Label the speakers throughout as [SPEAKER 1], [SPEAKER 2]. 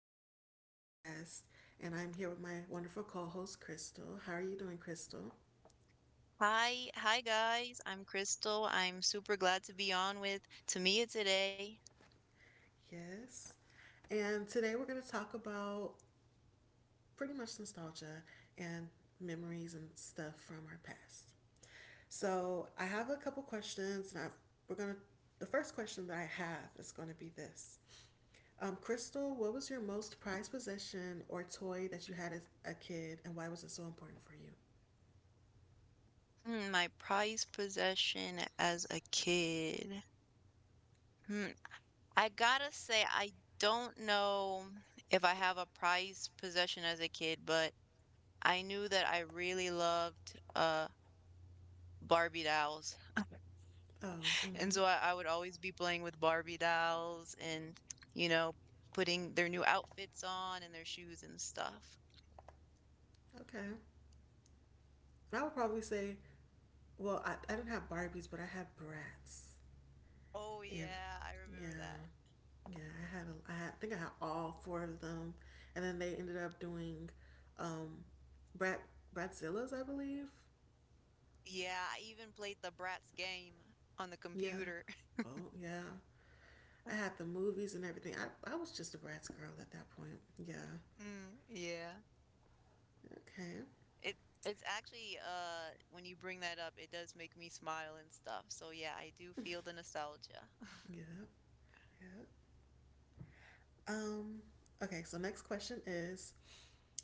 [SPEAKER 1] again with another podcast. And I'm here with my wonderful co host, Crystal. How are you doing, Crystal?
[SPEAKER 2] Hi, guys. I'm Crystal. I'm super glad to be on with Tamia today.
[SPEAKER 1] Yes. And today we're going to talk about pretty much nostalgia and memories and stuff from our past. So I have a couple questions, and I've, we're going to. The first question that I have is going to be this. Crystal, what was your most prized possession or toy that you had as a kid, and why was it so important for you?
[SPEAKER 2] My prized possession as a kid. Hmm, I gotta say, I don't know if I have a prized possession as a kid, but I knew that I really loved Barbie dolls.
[SPEAKER 1] Oh,
[SPEAKER 2] And
[SPEAKER 1] mm-hmm.
[SPEAKER 2] so I would always be playing with Barbie dolls and, you know, putting their new outfits on and their shoes and stuff.
[SPEAKER 1] Okay. And I would probably say, well, I didn't have Barbies, but I had Bratz,
[SPEAKER 2] Oh
[SPEAKER 1] and
[SPEAKER 2] yeah, I
[SPEAKER 1] yeah,
[SPEAKER 2] remember that.
[SPEAKER 1] yeah, I had, I think I had all four of them, and then they ended up doing, um, Brat Bratzillas, I believe.
[SPEAKER 2] Yeah, I even played the Bratz game on the
[SPEAKER 1] Yeah.
[SPEAKER 2] computer.
[SPEAKER 1] Oh yeah. I had the movies and everything. I was just a Bratz girl at that point. Yeah.
[SPEAKER 2] Mm, yeah.
[SPEAKER 1] Okay.
[SPEAKER 2] It it's actually when you bring that up, it does make me smile and stuff. So yeah, I do feel the nostalgia.
[SPEAKER 1] Yeah. Yeah. Um. Okay. So next question is,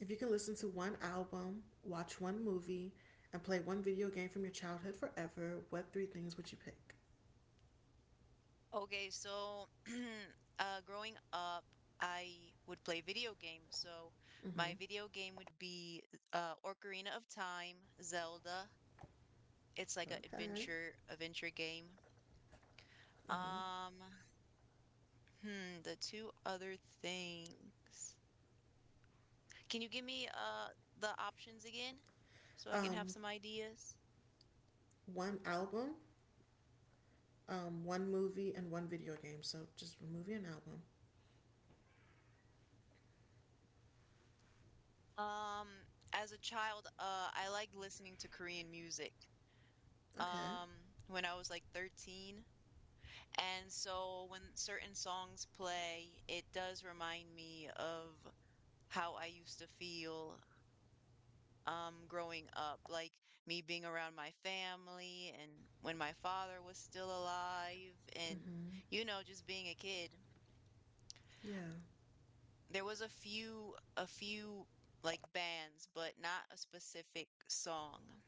[SPEAKER 1] if you can listen to one album, watch one movie, and play one video game from your childhood forever, what three things would you pick?
[SPEAKER 2] Okay, so growing up, I would play video games. So
[SPEAKER 1] Mm-hmm.
[SPEAKER 2] my video game would be Ocarina of Time, Zelda. It's like a
[SPEAKER 1] Okay.
[SPEAKER 2] adventure game.
[SPEAKER 1] Mm-hmm.
[SPEAKER 2] Um, hmm, the two other things. Can you give me the options again so I can have
[SPEAKER 1] Um,
[SPEAKER 2] some ideas?
[SPEAKER 1] one album, one movie, and one video game. So just a movie and album.
[SPEAKER 2] Um, as a child, I liked listening to Korean music.
[SPEAKER 1] Okay.
[SPEAKER 2] Um, when I was like 13, and so when certain songs play, it does remind me of how I used to feel growing up, like me being around my family and when my father was still alive and
[SPEAKER 1] Mm-hmm.
[SPEAKER 2] you know, just being a kid.
[SPEAKER 1] Yeah.
[SPEAKER 2] There was a few like bands, but not a specific song.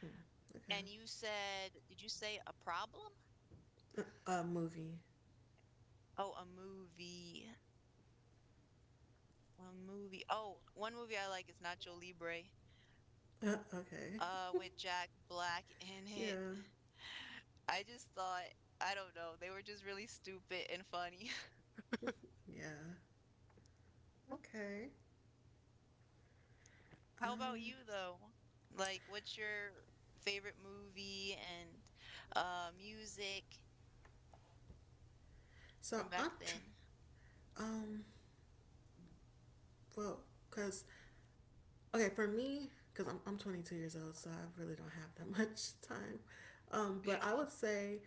[SPEAKER 1] Hmm. Okay.
[SPEAKER 2] And you said, did you say a problem?
[SPEAKER 1] A movie.
[SPEAKER 2] Oh, a movie. A movie. Oh, one movie I like is Nacho Libre,
[SPEAKER 1] Okay.
[SPEAKER 2] with Jack Black in it.
[SPEAKER 1] Yeah.
[SPEAKER 2] I just thought, I don't know, they were just really stupid and funny.
[SPEAKER 1] Yeah. Okay.
[SPEAKER 2] How about
[SPEAKER 1] Um.
[SPEAKER 2] you though? Like, what's your favorite movie and music
[SPEAKER 1] So
[SPEAKER 2] from back
[SPEAKER 1] I'm. Tr-
[SPEAKER 2] then?
[SPEAKER 1] um. Well, cause okay for me because I'm 22 years old, so I really don't have that much time. But I would say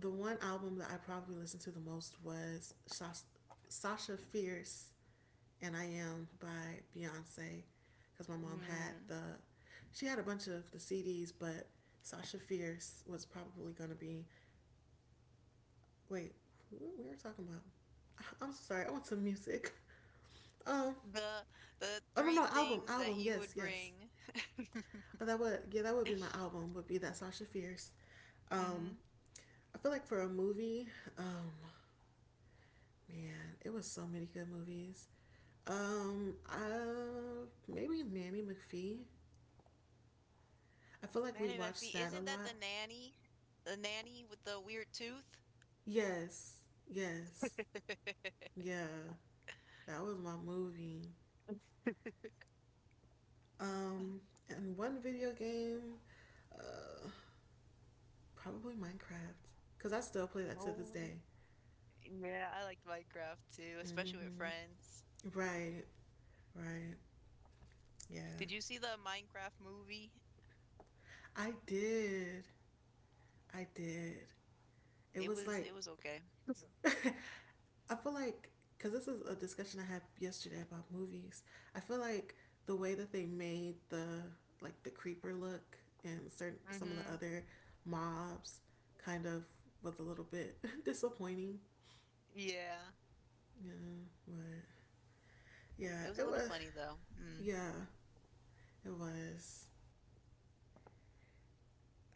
[SPEAKER 1] the one album that I probably listened to the most was Sasha Fierce and I Am by Beyonce, because my mom had
[SPEAKER 2] Hmm.
[SPEAKER 1] the, she had a bunch of the CDs, but Sasha Fierce was probably going to be. Wait, we were talking about, I- am sorry I went to music um
[SPEAKER 2] The the
[SPEAKER 1] oh no,
[SPEAKER 2] three
[SPEAKER 1] album,
[SPEAKER 2] things that
[SPEAKER 1] album,
[SPEAKER 2] you would
[SPEAKER 1] yes, yes.
[SPEAKER 2] bring.
[SPEAKER 1] But that would, yeah, that would be my album. Would be that Sasha Fierce. Um,
[SPEAKER 2] Mhm.
[SPEAKER 1] I feel like for a movie, um, man, it was so many good movies. Maybe Nanny McPhee. I feel like we
[SPEAKER 2] Manny
[SPEAKER 1] watched
[SPEAKER 2] McPhee,
[SPEAKER 1] that a
[SPEAKER 2] isn't that the
[SPEAKER 1] lot.
[SPEAKER 2] nanny? The nanny with the weird tooth?
[SPEAKER 1] Yes, yes, yeah, that was my movie. Um, and one video game, uh, probably Minecraft, cause I still play that to this
[SPEAKER 2] Oh,
[SPEAKER 1] day.
[SPEAKER 2] yeah, I liked Minecraft too, especially with
[SPEAKER 1] Mm-hmm.
[SPEAKER 2] friends.
[SPEAKER 1] Right, right, yeah.
[SPEAKER 2] Did you see the Minecraft movie?
[SPEAKER 1] I did. I did. It
[SPEAKER 2] It
[SPEAKER 1] was
[SPEAKER 2] was
[SPEAKER 1] like,
[SPEAKER 2] it was okay.
[SPEAKER 1] I feel like, because this is a discussion I had yesterday about movies. I feel like the way that they made the, like, the creeper look and certain some of the
[SPEAKER 2] Mm-hmm.
[SPEAKER 1] other mobs kind of was a little bit disappointing.
[SPEAKER 2] Yeah.
[SPEAKER 1] Yeah, but
[SPEAKER 2] It
[SPEAKER 1] yeah,
[SPEAKER 2] was a
[SPEAKER 1] it
[SPEAKER 2] little
[SPEAKER 1] was.
[SPEAKER 2] funny though. Mm.
[SPEAKER 1] Yeah, it was.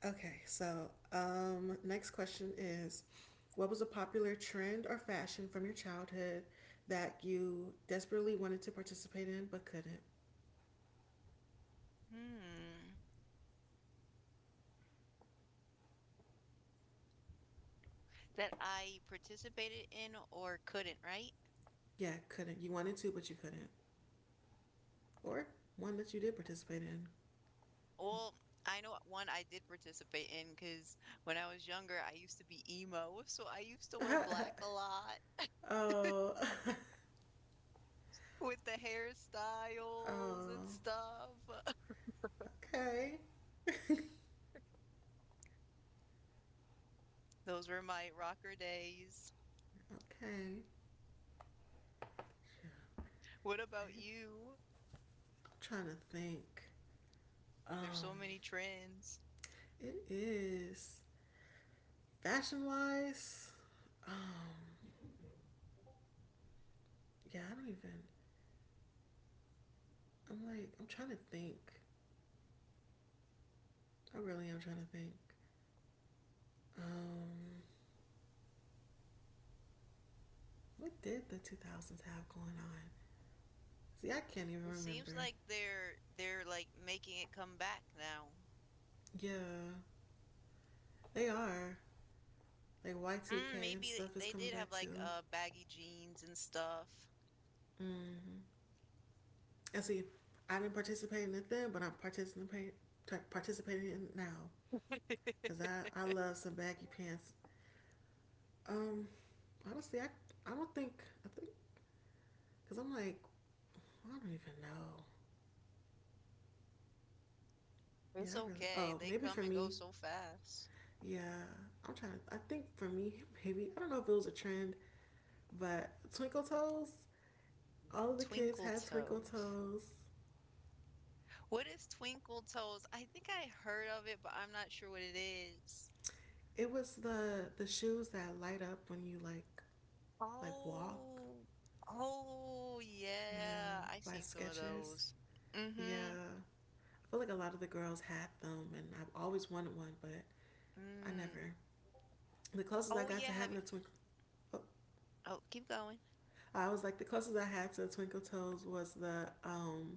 [SPEAKER 1] Okay, so next question is, what was a popular trend or fashion from your childhood that you desperately wanted to participate in but couldn't?
[SPEAKER 2] Hmm. That I participated in or couldn't, right?
[SPEAKER 1] Yeah, couldn't. You wanted to, but you couldn't. Or one that you did participate in.
[SPEAKER 2] Well, I know one I did participate in because when I was younger, I used to be emo. So I used to wear black a lot
[SPEAKER 1] Oh,
[SPEAKER 2] with the hairstyles and
[SPEAKER 1] oh,
[SPEAKER 2] stuff.
[SPEAKER 1] okay.
[SPEAKER 2] Those were my rocker days.
[SPEAKER 1] okay.
[SPEAKER 2] What about you?
[SPEAKER 1] I'm trying to think.
[SPEAKER 2] There's so
[SPEAKER 1] Um,
[SPEAKER 2] many trends.
[SPEAKER 1] it is fashion wise. Um, yeah, I don't even. I'm like, I'm trying to think. I really am trying to think. Um, what did the 2000s have going on? See, I can't even
[SPEAKER 2] It seems
[SPEAKER 1] remember.
[SPEAKER 2] like they're like making it come back now.
[SPEAKER 1] Yeah, they are. Like
[SPEAKER 2] Mm,
[SPEAKER 1] Y2K and
[SPEAKER 2] maybe
[SPEAKER 1] stuff is
[SPEAKER 2] they
[SPEAKER 1] coming
[SPEAKER 2] did have
[SPEAKER 1] back
[SPEAKER 2] like
[SPEAKER 1] too.
[SPEAKER 2] baggy jeans and stuff.
[SPEAKER 1] Mm-hmm. And see, I didn't participate in it then, but I'm participating in it now because I love some baggy pants. Um, honestly, I don't think I think because I'm like I don't even know. Yeah,
[SPEAKER 2] It's
[SPEAKER 1] I really.
[SPEAKER 2] okay.
[SPEAKER 1] Oh,
[SPEAKER 2] They
[SPEAKER 1] maybe
[SPEAKER 2] come
[SPEAKER 1] for
[SPEAKER 2] and go
[SPEAKER 1] me,
[SPEAKER 2] so fast.
[SPEAKER 1] yeah, I think for me, maybe I don't know if it was a trend, but twinkle toes. All of the kids
[SPEAKER 2] Twinkle
[SPEAKER 1] had twinkle
[SPEAKER 2] toes.
[SPEAKER 1] toes.
[SPEAKER 2] What is Twinkle Toes? I think I heard of it, but I'm not sure what it is.
[SPEAKER 1] It was the shoes that light up when you like, walk.
[SPEAKER 2] Oh, oh
[SPEAKER 1] Yeah,
[SPEAKER 2] yeah, I've
[SPEAKER 1] by
[SPEAKER 2] seen some of
[SPEAKER 1] Skechers.
[SPEAKER 2] those.
[SPEAKER 1] Yeah,
[SPEAKER 2] Mm-hmm.
[SPEAKER 1] I feel like a lot of the girls had them, and I've always wanted one, but I
[SPEAKER 2] Mm.
[SPEAKER 1] never. The closest I
[SPEAKER 2] Oh
[SPEAKER 1] got
[SPEAKER 2] yeah,
[SPEAKER 1] to
[SPEAKER 2] have
[SPEAKER 1] having
[SPEAKER 2] you?
[SPEAKER 1] a twinkle, oh,
[SPEAKER 2] Oh, keep going.
[SPEAKER 1] I was like the closest I had to a twinkle toes was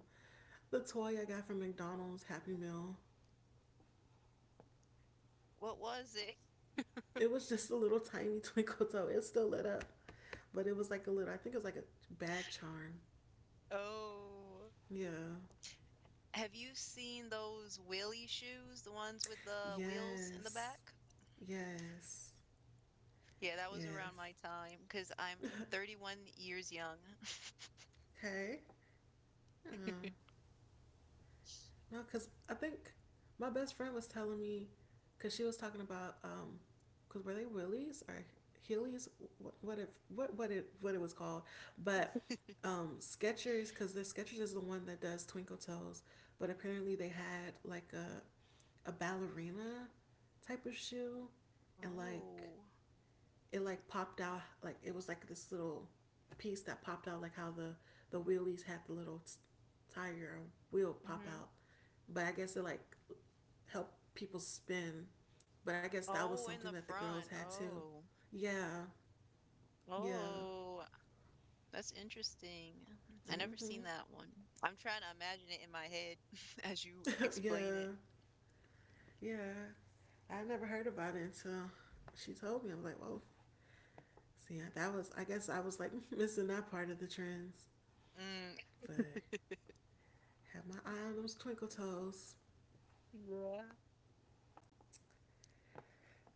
[SPEAKER 1] the toy I got from McDonald's Happy Meal.
[SPEAKER 2] What was it?
[SPEAKER 1] It was just a little tiny twinkle toe. It still lit up, but it was like a little, I think it was like a bag charm.
[SPEAKER 2] Oh,
[SPEAKER 1] Yeah.
[SPEAKER 2] have you seen those wheelie shoes, the ones with the wheels in the
[SPEAKER 1] Yes.
[SPEAKER 2] back?
[SPEAKER 1] Yes.
[SPEAKER 2] Yeah, that was around
[SPEAKER 1] Yes.
[SPEAKER 2] my time because I'm 31 years young.
[SPEAKER 1] Okay. Uh, no, because I think my best friend was telling me, because she was talking about because were they willies or Heelys? What what it what it was called? But Skechers, because the Skechers is the one that does Twinkle Toes. But apparently they had like a ballerina type of shoe, and like
[SPEAKER 2] Oh.
[SPEAKER 1] it, like, popped out, like it was like this little piece that popped out like how the wheelies had the little tire or wheel pop
[SPEAKER 2] Mm-hmm.
[SPEAKER 1] out, but I guess it like helped people spin. But I guess that was
[SPEAKER 2] Oh,
[SPEAKER 1] something
[SPEAKER 2] in the
[SPEAKER 1] that the girls
[SPEAKER 2] front.
[SPEAKER 1] had too.
[SPEAKER 2] Oh.
[SPEAKER 1] Yeah, yeah,
[SPEAKER 2] Oh, that's interesting. I never
[SPEAKER 1] mm-hmm.
[SPEAKER 2] seen that one. I'm trying to imagine it in my head as you explain it.
[SPEAKER 1] Yeah, yeah. I never heard about it until she told me. I was like, whoa. See, that was, I guess I was like missing that part of the trends,
[SPEAKER 2] Mm,
[SPEAKER 1] but have my eye on those twinkle toes.
[SPEAKER 2] yeah.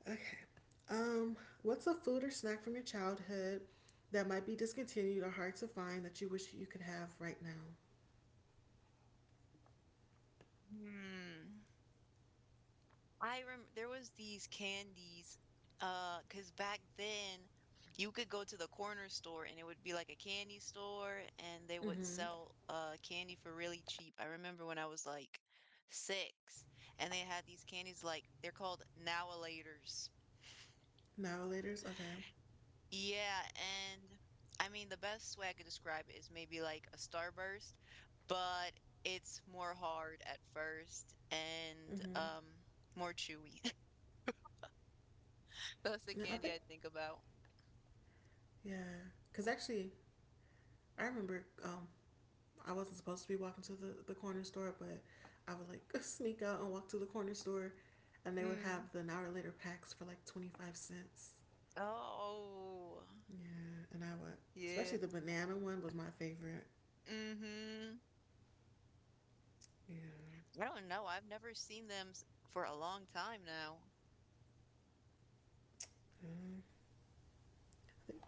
[SPEAKER 1] Okay. Um, what's a food or snack from your childhood that might be discontinued or hard to find that you wish you could have right now?
[SPEAKER 2] Hmm. I rem there was these candies, 'cause back then you could go to the corner store and it would be like a candy store and they would
[SPEAKER 1] Mm-hmm.
[SPEAKER 2] sell candy for really cheap. I remember when I was like six and they had these candies like they're called Nowalators.
[SPEAKER 1] Novelators. Okay.
[SPEAKER 2] Yeah, and I mean, the best way I could describe it is maybe like a starburst, but it's more hard at first and
[SPEAKER 1] Mm-hmm.
[SPEAKER 2] more chewy. That's the
[SPEAKER 1] No, I
[SPEAKER 2] candy
[SPEAKER 1] think
[SPEAKER 2] I think about.
[SPEAKER 1] yeah. Cause actually, I remember I wasn't supposed to be walking to the corner store, but I would like sneak out and walk to the corner store, and they would
[SPEAKER 2] Mm.
[SPEAKER 1] have the an hour later packs for like 25 cents.
[SPEAKER 2] Oh,
[SPEAKER 1] Yeah, and I would, especially
[SPEAKER 2] yeah.
[SPEAKER 1] the banana one was my favorite.
[SPEAKER 2] Mm-hmm.
[SPEAKER 1] Yeah.
[SPEAKER 2] I don't know. I've never seen them s- for a long time now.
[SPEAKER 1] Mm, I think,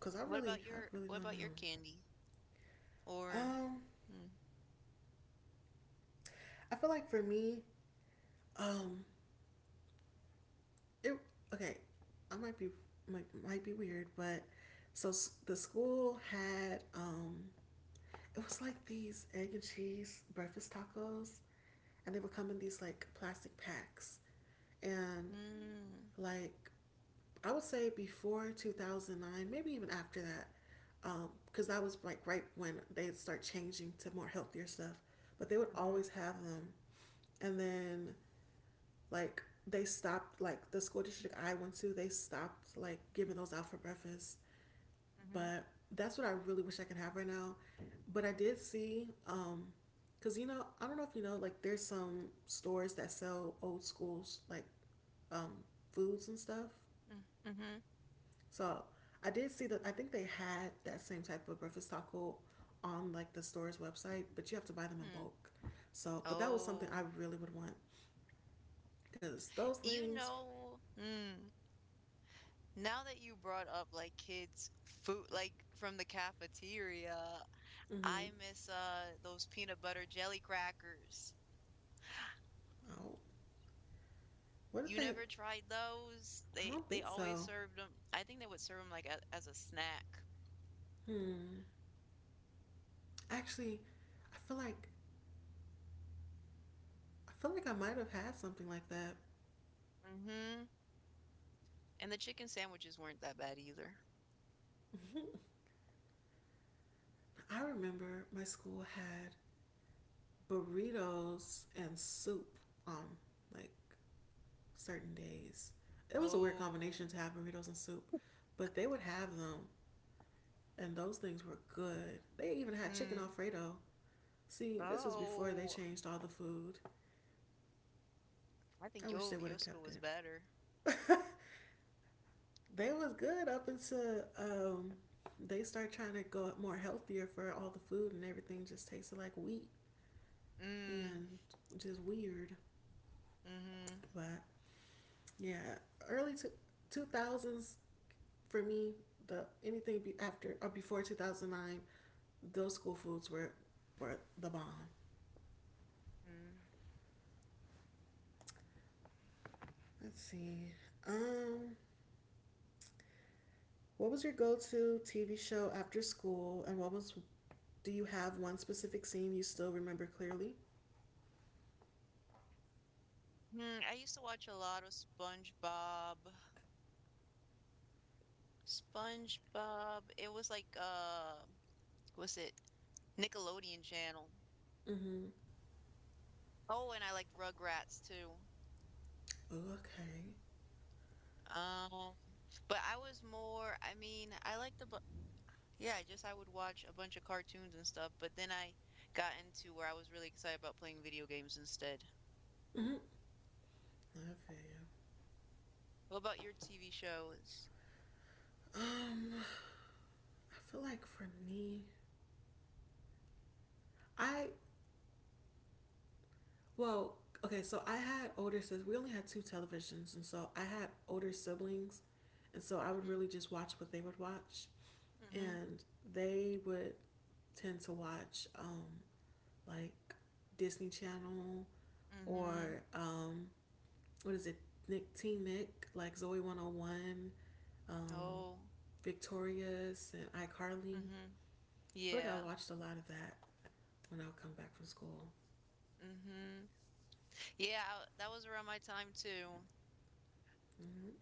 [SPEAKER 1] cause I really
[SPEAKER 2] What
[SPEAKER 1] don't
[SPEAKER 2] about your
[SPEAKER 1] know.
[SPEAKER 2] candy? Or
[SPEAKER 1] Um,
[SPEAKER 2] mm.
[SPEAKER 1] I feel like for me, um, it okay. I might be might be weird, but so the school had it was like these egg and cheese breakfast tacos, and they would come in these like plastic packs, and
[SPEAKER 2] Mm.
[SPEAKER 1] like I would say before 2009, maybe even after that, because that was like right when they'd start changing to more healthier stuff. But they would
[SPEAKER 2] Mm-hmm.
[SPEAKER 1] always have them, and then like they stopped, like, the school district I went to, they stopped like giving those out for breakfast,
[SPEAKER 2] Mm-hmm.
[SPEAKER 1] but that's what I really wish I could have right now. But I did see cuz you know, I don't know if you know, like there's some stores that sell old schools like um foods and stuff,
[SPEAKER 2] Mm-hmm. Mm. Mhm,
[SPEAKER 1] so I did see that, I think they had that same type of breakfast taco on like the store's website, but you have to buy them in
[SPEAKER 2] mm.
[SPEAKER 1] bulk. So but that was something I
[SPEAKER 2] Oh.
[SPEAKER 1] really would want, because those
[SPEAKER 2] You
[SPEAKER 1] things.
[SPEAKER 2] know, mm, now that you brought up like kids' food, like from the cafeteria,
[SPEAKER 1] Mm-hmm.
[SPEAKER 2] I miss those peanut butter jelly crackers.
[SPEAKER 1] Oh, what did
[SPEAKER 2] You
[SPEAKER 1] they?
[SPEAKER 2] never tried those?
[SPEAKER 1] I don't
[SPEAKER 2] They
[SPEAKER 1] think
[SPEAKER 2] they always
[SPEAKER 1] so.
[SPEAKER 2] served them. I think they would serve them like as a snack.
[SPEAKER 1] Hmm. Actually, I feel like I feel like I might have had something like that.
[SPEAKER 2] Mm-hmm. And the chicken sandwiches weren't that bad either.
[SPEAKER 1] I remember my school had burritos and soup on like certain days. It was a weird combination
[SPEAKER 2] Oh,
[SPEAKER 1] to have burritos and soup, but they would have them, and those things were good. They even had chicken
[SPEAKER 2] mm,
[SPEAKER 1] Alfredo. See, this was before they
[SPEAKER 2] oh,
[SPEAKER 1] changed all the food.
[SPEAKER 2] I
[SPEAKER 1] I
[SPEAKER 2] think
[SPEAKER 1] wish they
[SPEAKER 2] your
[SPEAKER 1] would
[SPEAKER 2] your
[SPEAKER 1] have
[SPEAKER 2] school
[SPEAKER 1] kept
[SPEAKER 2] was better.
[SPEAKER 1] it. They was good up until they start trying to go more healthier for all the food, and everything just tasted like wheat
[SPEAKER 2] Mm,
[SPEAKER 1] and just weird.
[SPEAKER 2] mm-hmm.
[SPEAKER 1] But yeah, early to two thousands for me. The anything be after or before 2009, those school foods were the bomb.
[SPEAKER 2] Mm.
[SPEAKER 1] Let's see. Um, what was your go to TV show after school, and what was do you have one specific scene you still remember clearly?
[SPEAKER 2] Hmm, I used to watch a lot of SpongeBob. SpongeBob. It was like was it Nickelodeon channel.
[SPEAKER 1] Mm-hmm.
[SPEAKER 2] Oh, and I liked Rugrats too.
[SPEAKER 1] Ooh, okay.
[SPEAKER 2] Um, but I was more, I mean, I liked the yeah, just I would watch a bunch of cartoons and stuff, but then I got into where I was really excited about playing video games instead.
[SPEAKER 1] Mm-hmm. Okay.
[SPEAKER 2] What about your TV shows?
[SPEAKER 1] Um, I feel like for me, I well, okay. So I had older sisters. We only had two televisions, and so I had older siblings, and so I would
[SPEAKER 2] Mm-hmm.
[SPEAKER 1] really just watch what they would watch,
[SPEAKER 2] Mm-hmm.
[SPEAKER 1] and they would tend to watch like Disney Channel
[SPEAKER 2] Mm-hmm.
[SPEAKER 1] or what is it Nick, Teen Nick, like Zoe 101, um
[SPEAKER 2] Oh.
[SPEAKER 1] Victorious and iCarly.
[SPEAKER 2] Mm-hmm.
[SPEAKER 1] I feel like I
[SPEAKER 2] Yeah.
[SPEAKER 1] watched a lot of that when I would come back from school.
[SPEAKER 2] Mm-hmm. Yeah, I- that was around my time too.
[SPEAKER 1] Mm.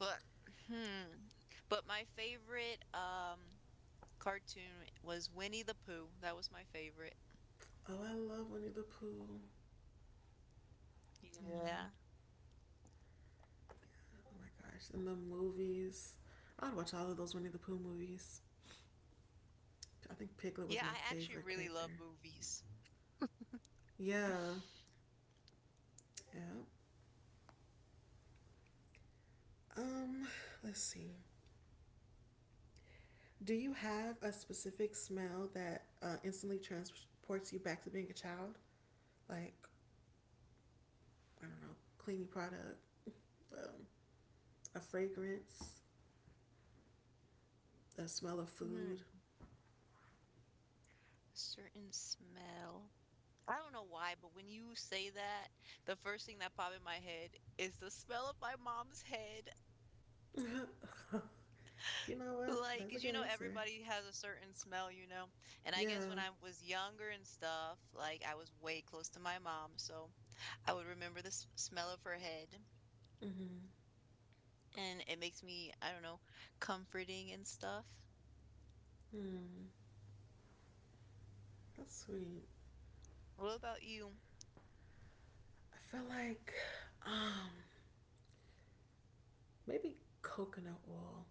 [SPEAKER 2] But hmm. But my favorite cartoon was Winnie the Pooh. That was my favorite.
[SPEAKER 1] Oh, I love Winnie the Pooh. Yeah.
[SPEAKER 2] Yeah.
[SPEAKER 1] Oh my gosh. And the movies. I'd watch all of those Winnie the Pooh movies. I think Piglet was
[SPEAKER 2] Yeah,
[SPEAKER 1] my
[SPEAKER 2] I actually
[SPEAKER 1] favorite
[SPEAKER 2] really love
[SPEAKER 1] character.
[SPEAKER 2] movies.
[SPEAKER 1] Yeah. Yeah. Um, let's see. Do you have a specific smell that instantly transports you back to being a child? Like, I don't know, cleaning product, um, a fragrance, a smell of
[SPEAKER 2] Hmm,
[SPEAKER 1] food.
[SPEAKER 2] a certain smell. I don't know why, but when you say that, the first thing that popped in my head is the smell of my mom's head.
[SPEAKER 1] You know what?
[SPEAKER 2] Like,
[SPEAKER 1] That's a
[SPEAKER 2] 'cause you
[SPEAKER 1] good
[SPEAKER 2] know,
[SPEAKER 1] answer.
[SPEAKER 2] everybody has a certain smell, you know? And I guess when
[SPEAKER 1] Yeah.
[SPEAKER 2] I was younger and stuff, like, I was way close to my mom, so I would remember the s smell of her head.
[SPEAKER 1] Mm-hmm.
[SPEAKER 2] And it makes me, I don't know, comforting and stuff.
[SPEAKER 1] Hmm. That's sweet.
[SPEAKER 2] What about you?
[SPEAKER 1] I feel like um maybe coconut oil.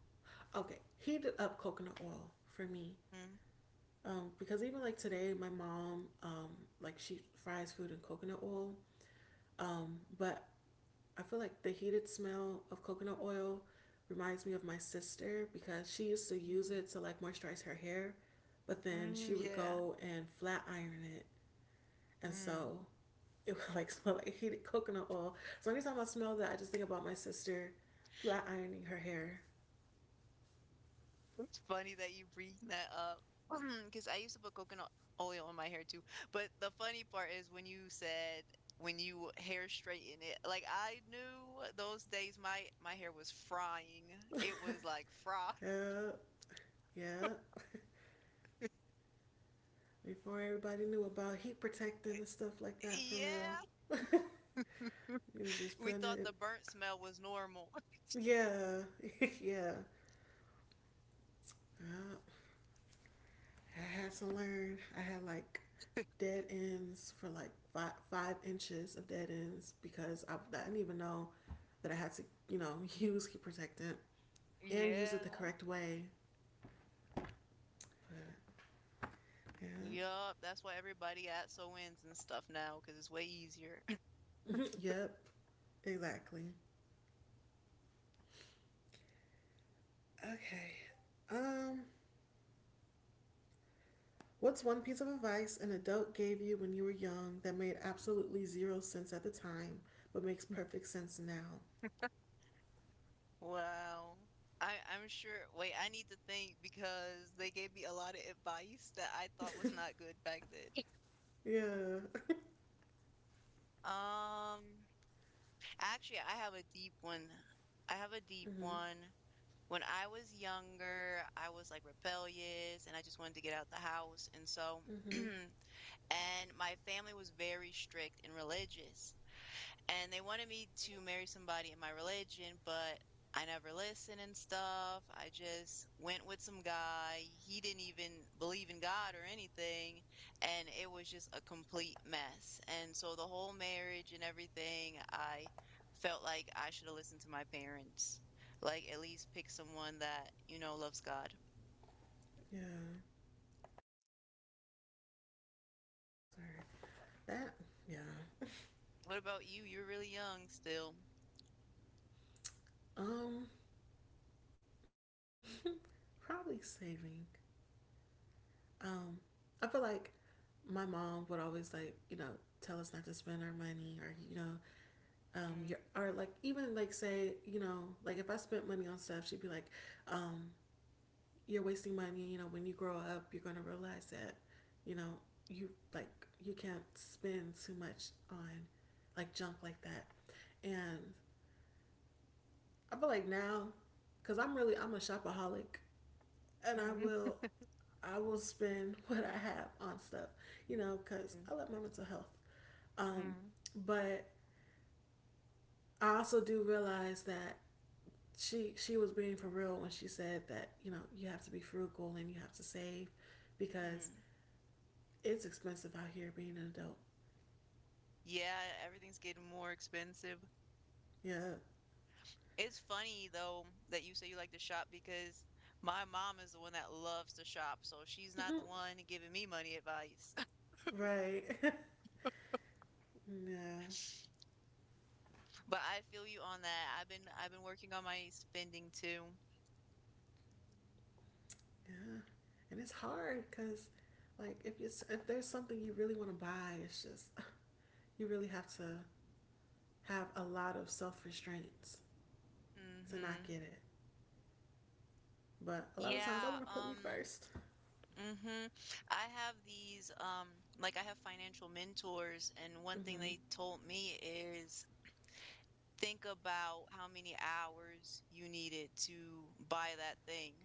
[SPEAKER 1] Okay, heated up coconut oil for me.
[SPEAKER 2] Mm,
[SPEAKER 1] Because even like today, my mom like she fries food in coconut oil. But I feel like the heated smell of coconut oil reminds me of my sister because she used to use
[SPEAKER 2] mm,
[SPEAKER 1] it to moisturize her hair, but then she
[SPEAKER 2] mm,
[SPEAKER 1] would
[SPEAKER 2] yeah.
[SPEAKER 1] go and flat iron it, and
[SPEAKER 2] Mm.
[SPEAKER 1] so it would smell like heated coconut oil. So anytime I smell that, I just think about my sister flat ironing her hair.
[SPEAKER 2] It's funny that you bring that up because I used to put coconut oil in my hair too. But the funny part is when you said when you hair straighten it, like I knew those days my hair was frying. It was like fry.
[SPEAKER 1] Yeah, yeah. Before everybody knew about heat protecting and stuff like that for real.
[SPEAKER 2] Yeah.
[SPEAKER 1] It was just
[SPEAKER 2] We
[SPEAKER 1] putting
[SPEAKER 2] thought
[SPEAKER 1] it.
[SPEAKER 2] the burnt smell was normal.
[SPEAKER 1] Yeah, yeah, yeah. I had to learn. I had like dead ends for like five inches of dead ends because I didn't even know that I had to, use heat protectant and use it
[SPEAKER 2] Yeah.
[SPEAKER 1] the correct way. But yeah,
[SPEAKER 2] Yup, that's why everybody at SoIns and stuff now, cause it's way easier.
[SPEAKER 1] yep. Exactly. Okay. Um, what's one piece of advice an adult gave you when you were young that made absolutely zero sense at the time, but makes perfect sense now?
[SPEAKER 2] Wow. I'm sure wait, I need to think because they gave me a lot of advice that I thought was not good back then.
[SPEAKER 1] Yeah.
[SPEAKER 2] Um, actually, I have a deep one. I have a deep
[SPEAKER 1] Mhm.
[SPEAKER 2] one. When I was younger, I was like rebellious and I just wanted to get out the house. And so,
[SPEAKER 1] Mhm.
[SPEAKER 2] and my family was very strict and religious. And they wanted me to marry somebody in my religion, but I never listened and stuff. I just went with some guy. He didn't even believe in God or anything, and it was just a complete mess. And so the whole marriage and everything, I felt like I should have listened to my parents. Like at least pick someone that, you know, loves God.
[SPEAKER 1] Yeah. Sorry. That. Yeah.
[SPEAKER 2] What about you? You're really young still.
[SPEAKER 1] Um. Probably saving. Um. I feel like my mom would always you know tell us not to spend our money or you know your
[SPEAKER 2] Mm,
[SPEAKER 1] or like even like say you know like if I spent money on stuff she'd be like um you're wasting money. You know, when you grow up, you're going to realize that, you know, you can't spend too much on like junk like that. And I feel like now, cause I'm a shopaholic, and
[SPEAKER 2] mm,
[SPEAKER 1] I will spend what I have on stuff. You know, cause
[SPEAKER 2] mm,
[SPEAKER 1] I love my mental health. Um,
[SPEAKER 2] mm.
[SPEAKER 1] but I also do realize that she was being for real when she said that you know you have to be frugal and you have to save because
[SPEAKER 2] Mm.
[SPEAKER 1] it's expensive out here being an adult.
[SPEAKER 2] Yeah, everything's getting more expensive.
[SPEAKER 1] Yeah.
[SPEAKER 2] It's funny though that you say you like to shop because my mom is the one that loves to shop, so she's not
[SPEAKER 1] Mm-hmm.
[SPEAKER 2] the one giving me money advice.
[SPEAKER 1] Right. yeah.
[SPEAKER 2] But I feel you on that. I've been working on my spending too.
[SPEAKER 1] Yeah. And it's hard because, like, if there's something you really want to buy, it's just you really have to have a lot of self restraints to not
[SPEAKER 2] Mm-hmm.
[SPEAKER 1] get it. But a lot of times, I
[SPEAKER 2] Yeah,
[SPEAKER 1] want to put me 1st.
[SPEAKER 2] mm-hmm. I have these, like I have financial mentors, and one thing
[SPEAKER 1] Mm-hmm.
[SPEAKER 2] they told me is think about how many hours you needed to buy that thing.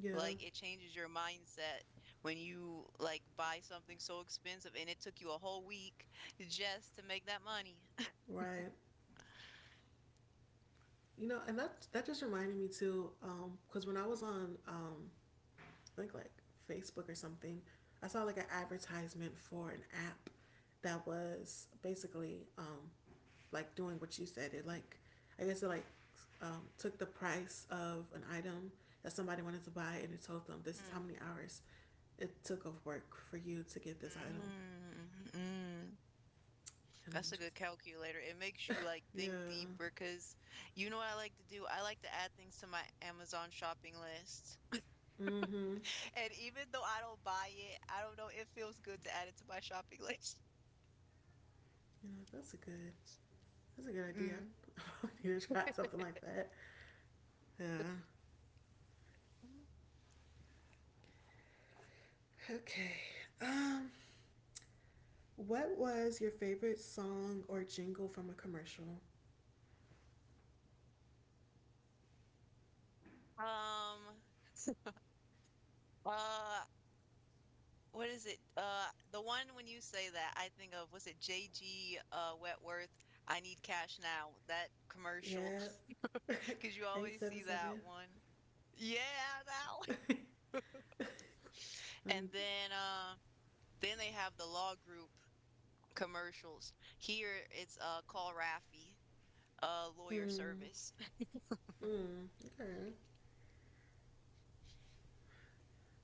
[SPEAKER 1] Yeah.
[SPEAKER 2] Like, it changes your mindset when you, like, buy something so expensive and it took you a whole week just to make that money.
[SPEAKER 1] Right. You know, and that just reminded me too, because when I was on think like Facebook or something. I saw like an advertisement for an app that was basically like doing what you said. It like I guess it like Took the price of an item that somebody wanted to buy and it told them this is how
[SPEAKER 2] Mm,
[SPEAKER 1] many hours it took of work for you to get this item.
[SPEAKER 2] mm, mm.
[SPEAKER 1] And I'm
[SPEAKER 2] That's a
[SPEAKER 1] just
[SPEAKER 2] good calculator. It makes you like
[SPEAKER 1] like,
[SPEAKER 2] think
[SPEAKER 1] yeah,
[SPEAKER 2] deeper because you know what I like to do? I like to add things to my Amazon shopping list.
[SPEAKER 1] mm-hmm.
[SPEAKER 2] And even though I don't buy it, I don't know, it feels good to add it to my shopping list.
[SPEAKER 1] You know that's a good idea.
[SPEAKER 2] Mm.
[SPEAKER 1] I probably need to try something like that. Yeah. Okay. Um. What was your favorite song or jingle from a commercial?
[SPEAKER 2] Um, uh, what is it? The one when you say that, I think of, was it JG Wetworth? I need cash now. That commercial,
[SPEAKER 1] Yeah,
[SPEAKER 2] because you always see
[SPEAKER 1] 877.
[SPEAKER 2] that one. Yeah, that one.
[SPEAKER 1] Um,
[SPEAKER 2] And then they have the law group commercials. Here it's Call Raffy, lawyer
[SPEAKER 1] hmm.
[SPEAKER 2] service.
[SPEAKER 1] Hmm. Okay.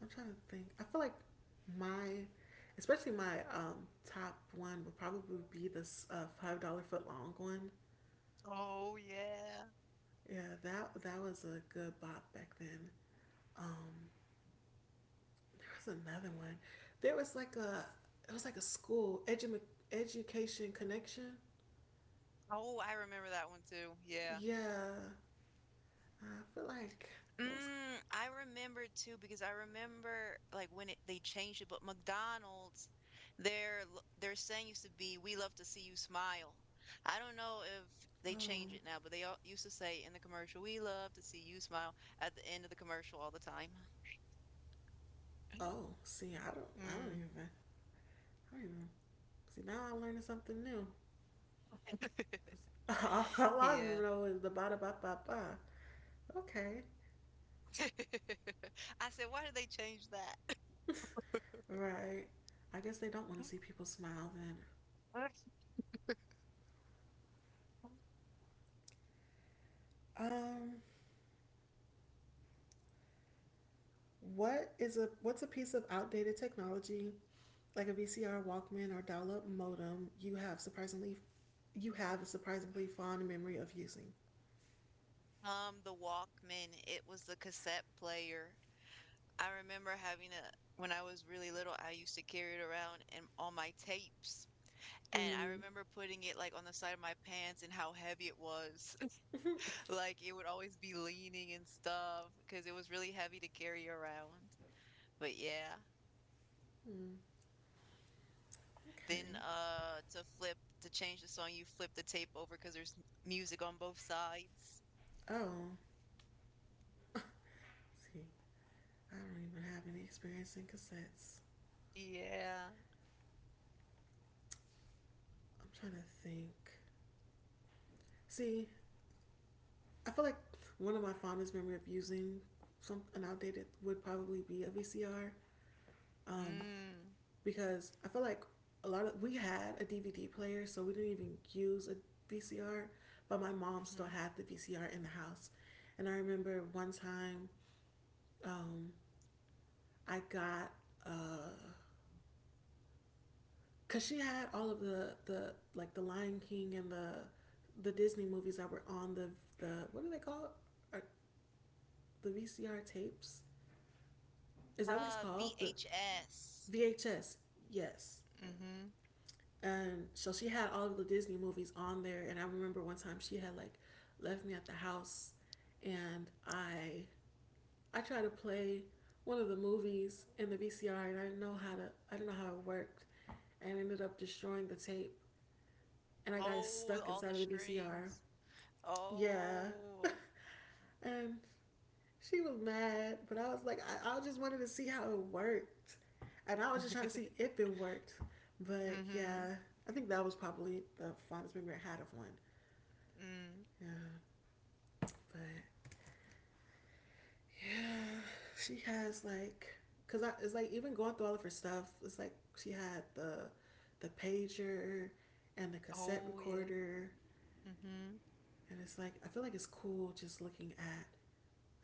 [SPEAKER 1] I'm trying to think. I feel like my, especially my top one would probably be this $5 foot long one.
[SPEAKER 2] Oh yeah.
[SPEAKER 1] Yeah, that that was a good bop back then. Um, there was another one. There was like a, it was like a school education connection.
[SPEAKER 2] Oh, I remember that one too. Yeah.
[SPEAKER 1] Yeah, I feel like those.
[SPEAKER 2] Mm, I remember too because I remember like when it, they changed it, but McDonald's, their their saying used to be, "We love to see you smile." I don't know if they change
[SPEAKER 1] Oh,
[SPEAKER 2] it now, but they all used to say in the commercial, "We love to see you smile" at the end of the commercial all the time.
[SPEAKER 1] oh. See, I don't. I don't
[SPEAKER 2] Mm,
[SPEAKER 1] even. I don't even. See, now I'm learning something new. All I
[SPEAKER 2] yeah.
[SPEAKER 1] know is the ba da ba ba ba. Okay,
[SPEAKER 2] I said, "Why did they change that?"
[SPEAKER 1] right. I guess they don't want to see people smile then. Um, what is a what's a piece of outdated technology like a VCR, Walkman, or dial-up modem you have surprisingly you have a surprisingly fond memory of using?
[SPEAKER 2] The Walkman, it was the cassette player. I remember having a when I was really little, I used to carry it around and all my tapes. And I
[SPEAKER 1] Hmm.
[SPEAKER 2] remember putting it like on the side of my pants and how heavy it was. Like it would always be leaning and stuff because it was really heavy to carry around. But yeah,
[SPEAKER 1] hmm.
[SPEAKER 2] then
[SPEAKER 1] Okay.
[SPEAKER 2] to flip to change the song, you flip the tape over because there's n- music on both sides.
[SPEAKER 1] Oh, let's see. I don't even have any experience in cassettes.
[SPEAKER 2] Yeah.
[SPEAKER 1] I'm trying to think. See, I feel like one of my fondest memory of using some an outdated would probably be a VCR, um,
[SPEAKER 2] Mm.
[SPEAKER 1] because I feel like a lot of we had a DVD player, so we didn't even use a VCR. But my mom still
[SPEAKER 2] Mm-hmm.
[SPEAKER 1] had the VCR in the house, and I remember one time um, I got. Uh, Cause she had all of the like the Lion King and the Disney movies that were on the what do they call it? The VCR tapes? Is that what it's called? The
[SPEAKER 2] VHS.
[SPEAKER 1] VHS? Yes.
[SPEAKER 2] Mm-hmm.
[SPEAKER 1] And so she had all of the Disney movies on there. And I remember one time she had like left me at the house, and I tried to play one of the movies in the VCR, and I didn't know how it worked, and ended up destroying the tape. And I got it
[SPEAKER 2] Oh,
[SPEAKER 1] stuck
[SPEAKER 2] all the
[SPEAKER 1] inside of the VCR.
[SPEAKER 2] strings.
[SPEAKER 1] Yeah.
[SPEAKER 2] Oh.
[SPEAKER 1] And she was mad, but I was like, I just wanted to see how it worked. And I was just trying to see if it worked. But
[SPEAKER 2] Mhm.
[SPEAKER 1] yeah, I think that was probably the fondest memory I had of one.
[SPEAKER 2] Mm.
[SPEAKER 1] Yeah. But yeah, she has like, it's like even going through all of her stuff, it's like she had the pager and the cassette
[SPEAKER 2] Oh, yeah.
[SPEAKER 1] recorder.
[SPEAKER 2] Mhm.
[SPEAKER 1] And it's like, I feel like it's cool just looking at,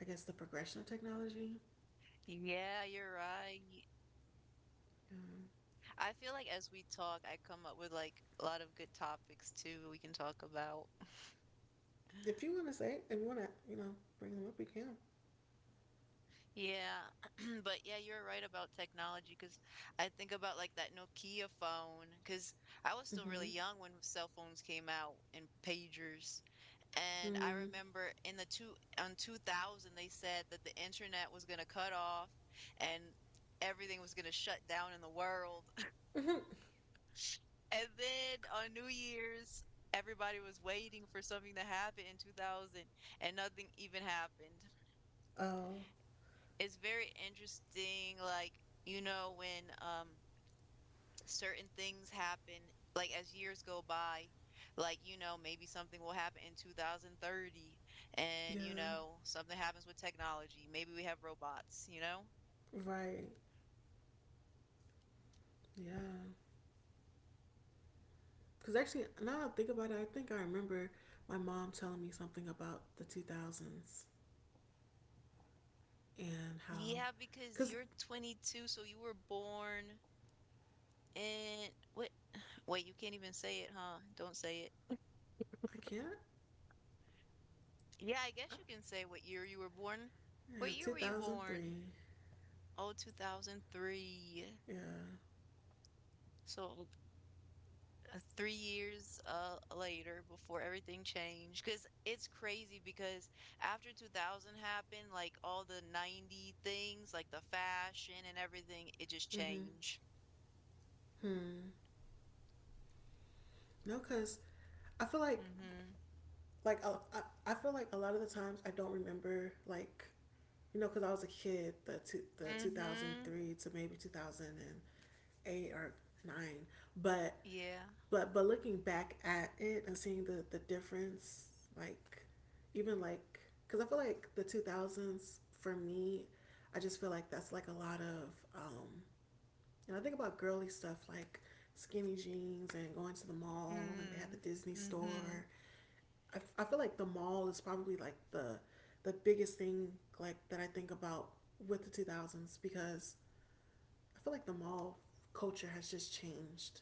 [SPEAKER 1] I guess, the progression of technology.
[SPEAKER 2] Yeah, you're right.
[SPEAKER 1] Um,
[SPEAKER 2] I feel like as we talk, I come up with like a lot of good topics too we can talk about.
[SPEAKER 1] If you want to say it, if you want to, you know, bring them up, you can.
[SPEAKER 2] Yeah. But yeah, you're right about technology because I think about like that Nokia phone because I was still really
[SPEAKER 1] Mm-hmm.
[SPEAKER 2] young when cell phones came out and pagers. And I
[SPEAKER 1] Mm-hmm.
[SPEAKER 2] remember in the two on 2000 they said that the internet was going to cut off and everything was going to shut down in the world.
[SPEAKER 1] Mm-hmm.
[SPEAKER 2] And then on New Year's everybody was waiting for something to happen in 2000, and nothing even happened.
[SPEAKER 1] Oh,
[SPEAKER 2] It's very interesting, like, you know, when certain things happen, like as years go by, like, you know, maybe something will happen in 2030, and
[SPEAKER 1] yeah.
[SPEAKER 2] you know, something happens with technology, maybe we have robots, you know.
[SPEAKER 1] Right. Yeah. Because actually, now that I think about it, I think I remember my mom telling me something about the 2000s and how,
[SPEAKER 2] Yeah, because
[SPEAKER 1] because
[SPEAKER 2] you're 22, so you were born in what? Wait, you can't even say it, huh? Don't say it.
[SPEAKER 1] I can't,
[SPEAKER 2] Yeah, I
[SPEAKER 1] I,
[SPEAKER 2] guess you can say what year you were born.
[SPEAKER 1] yeah,
[SPEAKER 2] What year were you born?
[SPEAKER 1] 2003.
[SPEAKER 2] Oh, 2003.
[SPEAKER 1] Yeah.
[SPEAKER 2] So 3 years later before everything changed, because it's crazy, because after 2000 happened, like all the 90 things, like the fashion and everything, it just
[SPEAKER 1] Mm-hmm.
[SPEAKER 2] changed.
[SPEAKER 1] Hmm. No, because I feel
[SPEAKER 2] Mm-hmm.
[SPEAKER 1] like, I feel like a lot of the times I don't remember, like, you know, because I was a kid, the
[SPEAKER 2] Mm-hmm.
[SPEAKER 1] 2003 to maybe 2008 or nine, but
[SPEAKER 2] Yeah.
[SPEAKER 1] looking back at it and seeing the difference, like even like because I feel like the 2000s for me, I just feel like that's like a lot of you know I think about girly stuff like skinny jeans and going to the mall and they had the
[SPEAKER 2] Mm-hmm.
[SPEAKER 1] Disney
[SPEAKER 2] Mm-hmm.
[SPEAKER 1] store. I feel like the mall is probably like the biggest thing like that I think about with the 2000s because I feel like the mall culture has just changed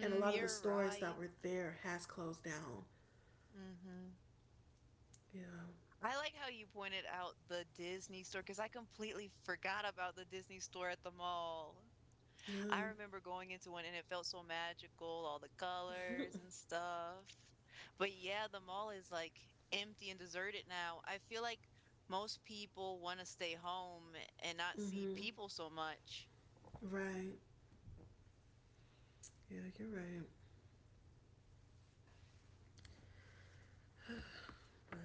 [SPEAKER 1] and a lot of the
[SPEAKER 2] you're
[SPEAKER 1] stores that
[SPEAKER 2] right.
[SPEAKER 1] were there has closed down.
[SPEAKER 2] Mm-hmm.
[SPEAKER 1] Yeah.
[SPEAKER 2] I like how you pointed out the Disney store because I completely forgot about the Disney store at the mall. I
[SPEAKER 1] Yeah.
[SPEAKER 2] remember going into one and it felt so magical, all the colors and stuff. But yeah, the mall is like empty and deserted now. I feel like most people want to stay home and not see
[SPEAKER 1] Mhm.
[SPEAKER 2] people so much.
[SPEAKER 1] Right. Yeah, you're right. Right.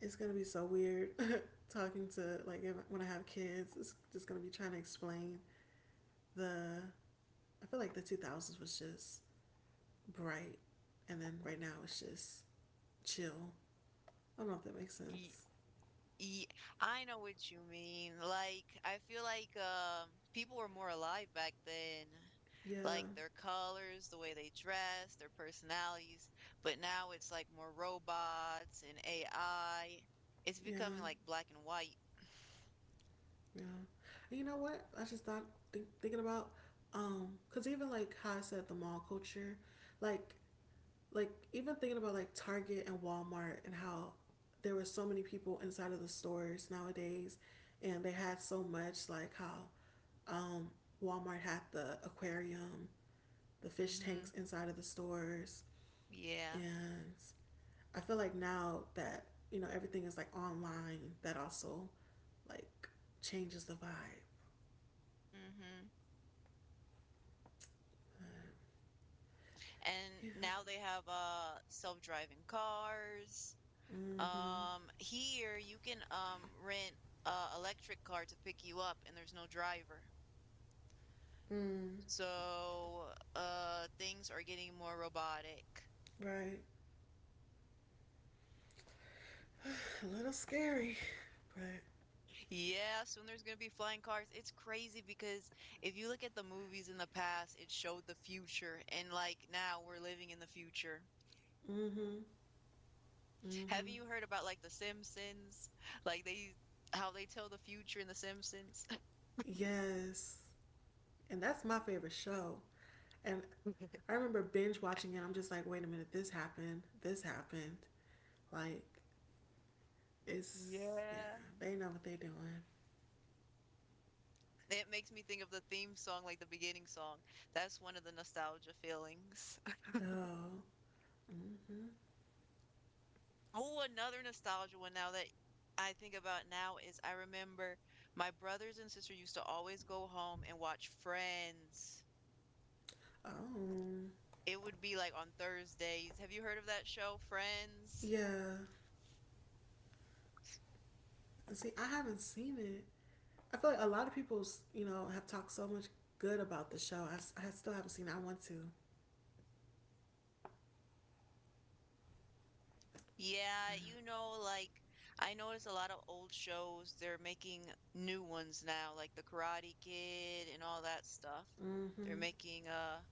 [SPEAKER 1] It's going to be so weird talking to like if, when I have kids, it's just going to be trying to explain the. I feel like the 2000s was just bright and then right now it's just chill. I don't know if that makes
[SPEAKER 2] Y-
[SPEAKER 1] sense.
[SPEAKER 2] Ye I know what you mean. Like, I feel like people were more alive back then.
[SPEAKER 1] Yeah,
[SPEAKER 2] Like their colors, the way they dress, their personalities. But now it's like more robots and AI. It's
[SPEAKER 1] yeah,
[SPEAKER 2] becoming like black and white.
[SPEAKER 1] yeah. And you know what? I just thought think, thinking about cause even like how I said the mall culture, like like even thinking about like Target and Walmart and how there were so many people inside of the stores nowadays, and they had so much like how um, Walmart had the aquarium, the fish
[SPEAKER 2] Mm-hmm.
[SPEAKER 1] tanks inside of the stores,
[SPEAKER 2] Yeah.
[SPEAKER 1] and I feel like now that you know everything is like online, that also like changes the vibe.
[SPEAKER 2] Mm-hmm. And
[SPEAKER 1] Yeah.
[SPEAKER 2] now they have self-driving cars.
[SPEAKER 1] Mm-hmm.
[SPEAKER 2] Here you can rent electric car to pick you up and there's no driver.
[SPEAKER 1] Mm.
[SPEAKER 2] So, things are getting more robotic.
[SPEAKER 1] Right. A little scary, but
[SPEAKER 2] Yeah, soon there's going to be flying cars. It's crazy because if you look at the movies in the past, it showed the future, and like now we're living in the future.
[SPEAKER 1] mm-hmm.
[SPEAKER 2] Haven't
[SPEAKER 1] Mm-hmm.
[SPEAKER 2] you heard about like The Simpsons? Like they how they tell the future in The Simpsons?
[SPEAKER 1] Yes. And that's my favorite show. And I remember binge watching it. I'm just like, wait a minute, this happened. This happened. Like, it's yeah,
[SPEAKER 2] Yeah.
[SPEAKER 1] they know what they're doing.
[SPEAKER 2] It makes me think of the theme song, like the beginning song. That's one of the nostalgia feelings.
[SPEAKER 1] Oh. Mm-hmm.
[SPEAKER 2] Oh, another nostalgia one now that I think about now is I remember my brothers and sister used to always go home and watch Friends.
[SPEAKER 1] Oh.
[SPEAKER 2] It would be like on Thursdays. Have you heard of that show, Friends?
[SPEAKER 1] Yeah. See, I haven't seen it. I feel like a lot of people, you know, have talked so much good about the show. I still haven't seen it. I want to.
[SPEAKER 2] Yeah, you know, like, I notice a lot of old shows, they're making new ones now, like The Karate Kid and all that stuff. They're
[SPEAKER 1] Mm-hmm.
[SPEAKER 2] making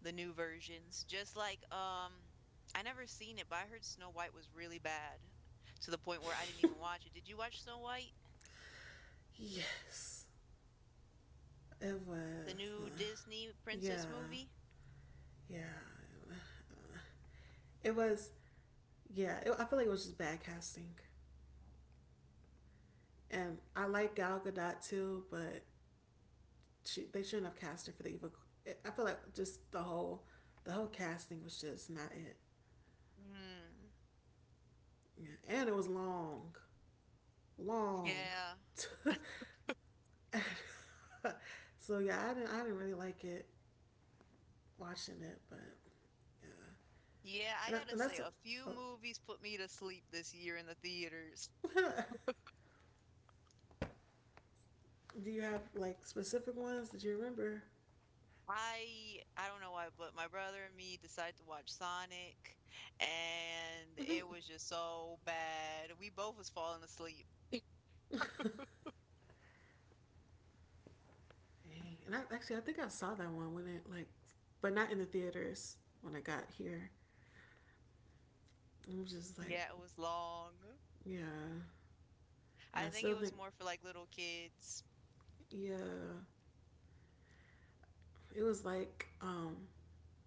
[SPEAKER 2] the new versions, just like, I never seen it, but I heard Snow White was really bad, to the point where I didn't even watch it. Did you watch Snow White?
[SPEAKER 1] Yes, it
[SPEAKER 2] The
[SPEAKER 1] was.
[SPEAKER 2] new Disney
[SPEAKER 1] Yeah,
[SPEAKER 2] princess movie?
[SPEAKER 1] yeah. It was. Yeah, it, I feel like it was just bad casting. And I like Gal Gadot too, but they shouldn't have cast her for the evil. I feel like just the whole casting was just not it.
[SPEAKER 2] Mm,
[SPEAKER 1] Yeah. And it was long, long,
[SPEAKER 2] yeah.
[SPEAKER 1] so yeah, I didn't really like it watching it, but yeah,
[SPEAKER 2] Yeah, I
[SPEAKER 1] and, I,
[SPEAKER 2] gotta
[SPEAKER 1] and
[SPEAKER 2] say,
[SPEAKER 1] that's
[SPEAKER 2] a few
[SPEAKER 1] oh.
[SPEAKER 2] movies put me to sleep this year in the theaters.
[SPEAKER 1] Do you have like specific ones that you remember?
[SPEAKER 2] I don't know why, but my brother and me decided to watch Sonic, and it was just so bad. We both was falling asleep.
[SPEAKER 1] Dang. And I think I saw that one when it like, but not in the theaters when I got here. I'm just like
[SPEAKER 2] Yeah, it was long.
[SPEAKER 1] yeah, and I
[SPEAKER 2] I think it
[SPEAKER 1] still
[SPEAKER 2] was
[SPEAKER 1] think
[SPEAKER 2] more for like little kids.
[SPEAKER 1] yeah, it was like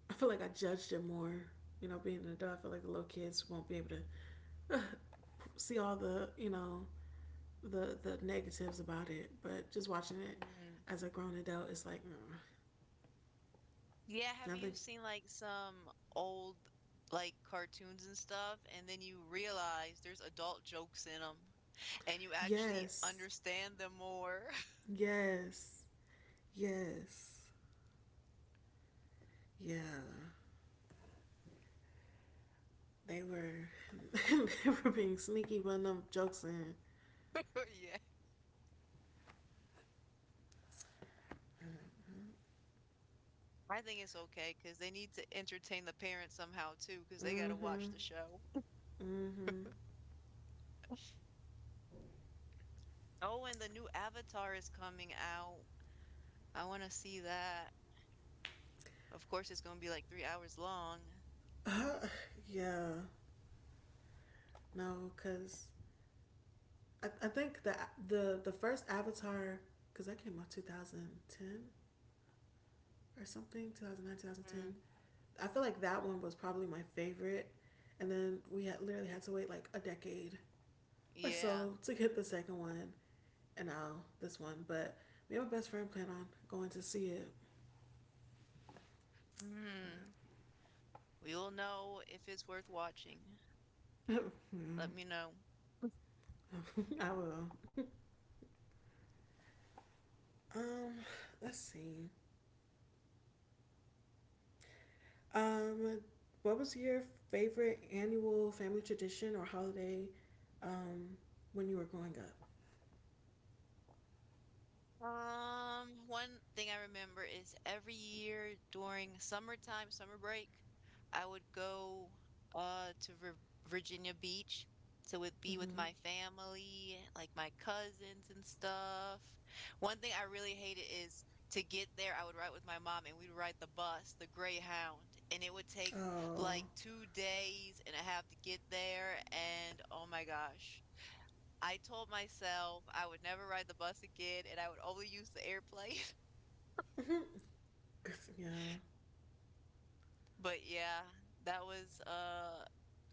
[SPEAKER 1] I feel like I judged it more. You know, being an adult, I feel like the little kids won't be able to see all the you know the negatives about it, but just watching it
[SPEAKER 2] Mm.
[SPEAKER 1] as a grown adult, it's like mm,
[SPEAKER 2] Yeah, have
[SPEAKER 1] I
[SPEAKER 2] you
[SPEAKER 1] think
[SPEAKER 2] seen like some old like cartoons and stuff, and then you realize there's adult jokes in them, and you actually
[SPEAKER 1] yes,
[SPEAKER 2] understand them more?
[SPEAKER 1] yes, yes, yeah. They were they were being sneaky, putting them jokes in.
[SPEAKER 2] Yeah, I think it's okay because they need to entertain the parents somehow too, because they got to watch
[SPEAKER 1] Mm-hmm.
[SPEAKER 2] the show.
[SPEAKER 1] Mm-hmm.
[SPEAKER 2] Oh, and the new Avatar is coming out. I want to see that. Of course, it's going to be like 3 hours long.
[SPEAKER 1] Uh, yeah. No, cause I think the first Avatar, cause that came out 2010 or something, 2009, 2010.
[SPEAKER 2] Mm.
[SPEAKER 1] I feel like that one was probably my favorite. And then we had literally had to wait like a decade or
[SPEAKER 2] Yeah.
[SPEAKER 1] so to get the second one and now this one. But me and my best friend plan on going to see it.
[SPEAKER 2] Mm. We'll know if it's worth watching. Let me know.
[SPEAKER 1] Yeah, I will. Um, let's see. Um, what was your favorite annual family tradition or holiday um, when you were growing up?
[SPEAKER 2] One thing I remember is every year during summertime, summer break, I would go to Virginia Beach. To would be with
[SPEAKER 1] Mm-hmm.
[SPEAKER 2] my family, like my cousins and stuff. One thing I really hated is to get there, I would ride with my mom and we'd ride the bus, the Greyhound, and it would take
[SPEAKER 1] Oh.
[SPEAKER 2] like 2 days and a half to get there. And oh my gosh, I told myself I would never ride the bus again and I would only use the airplane.
[SPEAKER 1] Mm-hmm. Yeah.
[SPEAKER 2] But yeah, that was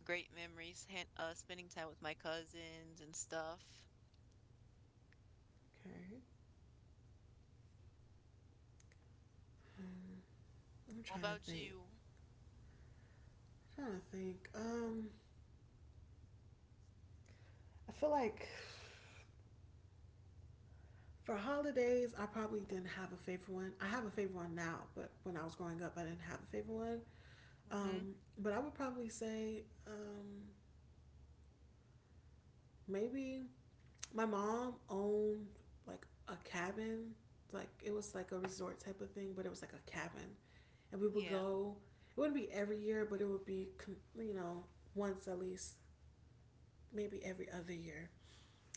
[SPEAKER 2] great memories, spending time with my cousins and stuff.
[SPEAKER 1] Okay. I'm
[SPEAKER 2] What
[SPEAKER 1] trying to
[SPEAKER 2] about
[SPEAKER 1] think.
[SPEAKER 2] you?
[SPEAKER 1] I'm trying to think. I feel like for holidays, I probably didn't have a favorite one. I have a favorite one now, but when I was growing up, I didn't have a favorite one.
[SPEAKER 2] Mm-hmm.
[SPEAKER 1] But I would probably say maybe my mom owned like a cabin. Like it was like a resort type of thing, but it was like a cabin, and we would
[SPEAKER 2] Yeah.
[SPEAKER 1] go. It wouldn't be every year, but it would be you know once at least, maybe every other year.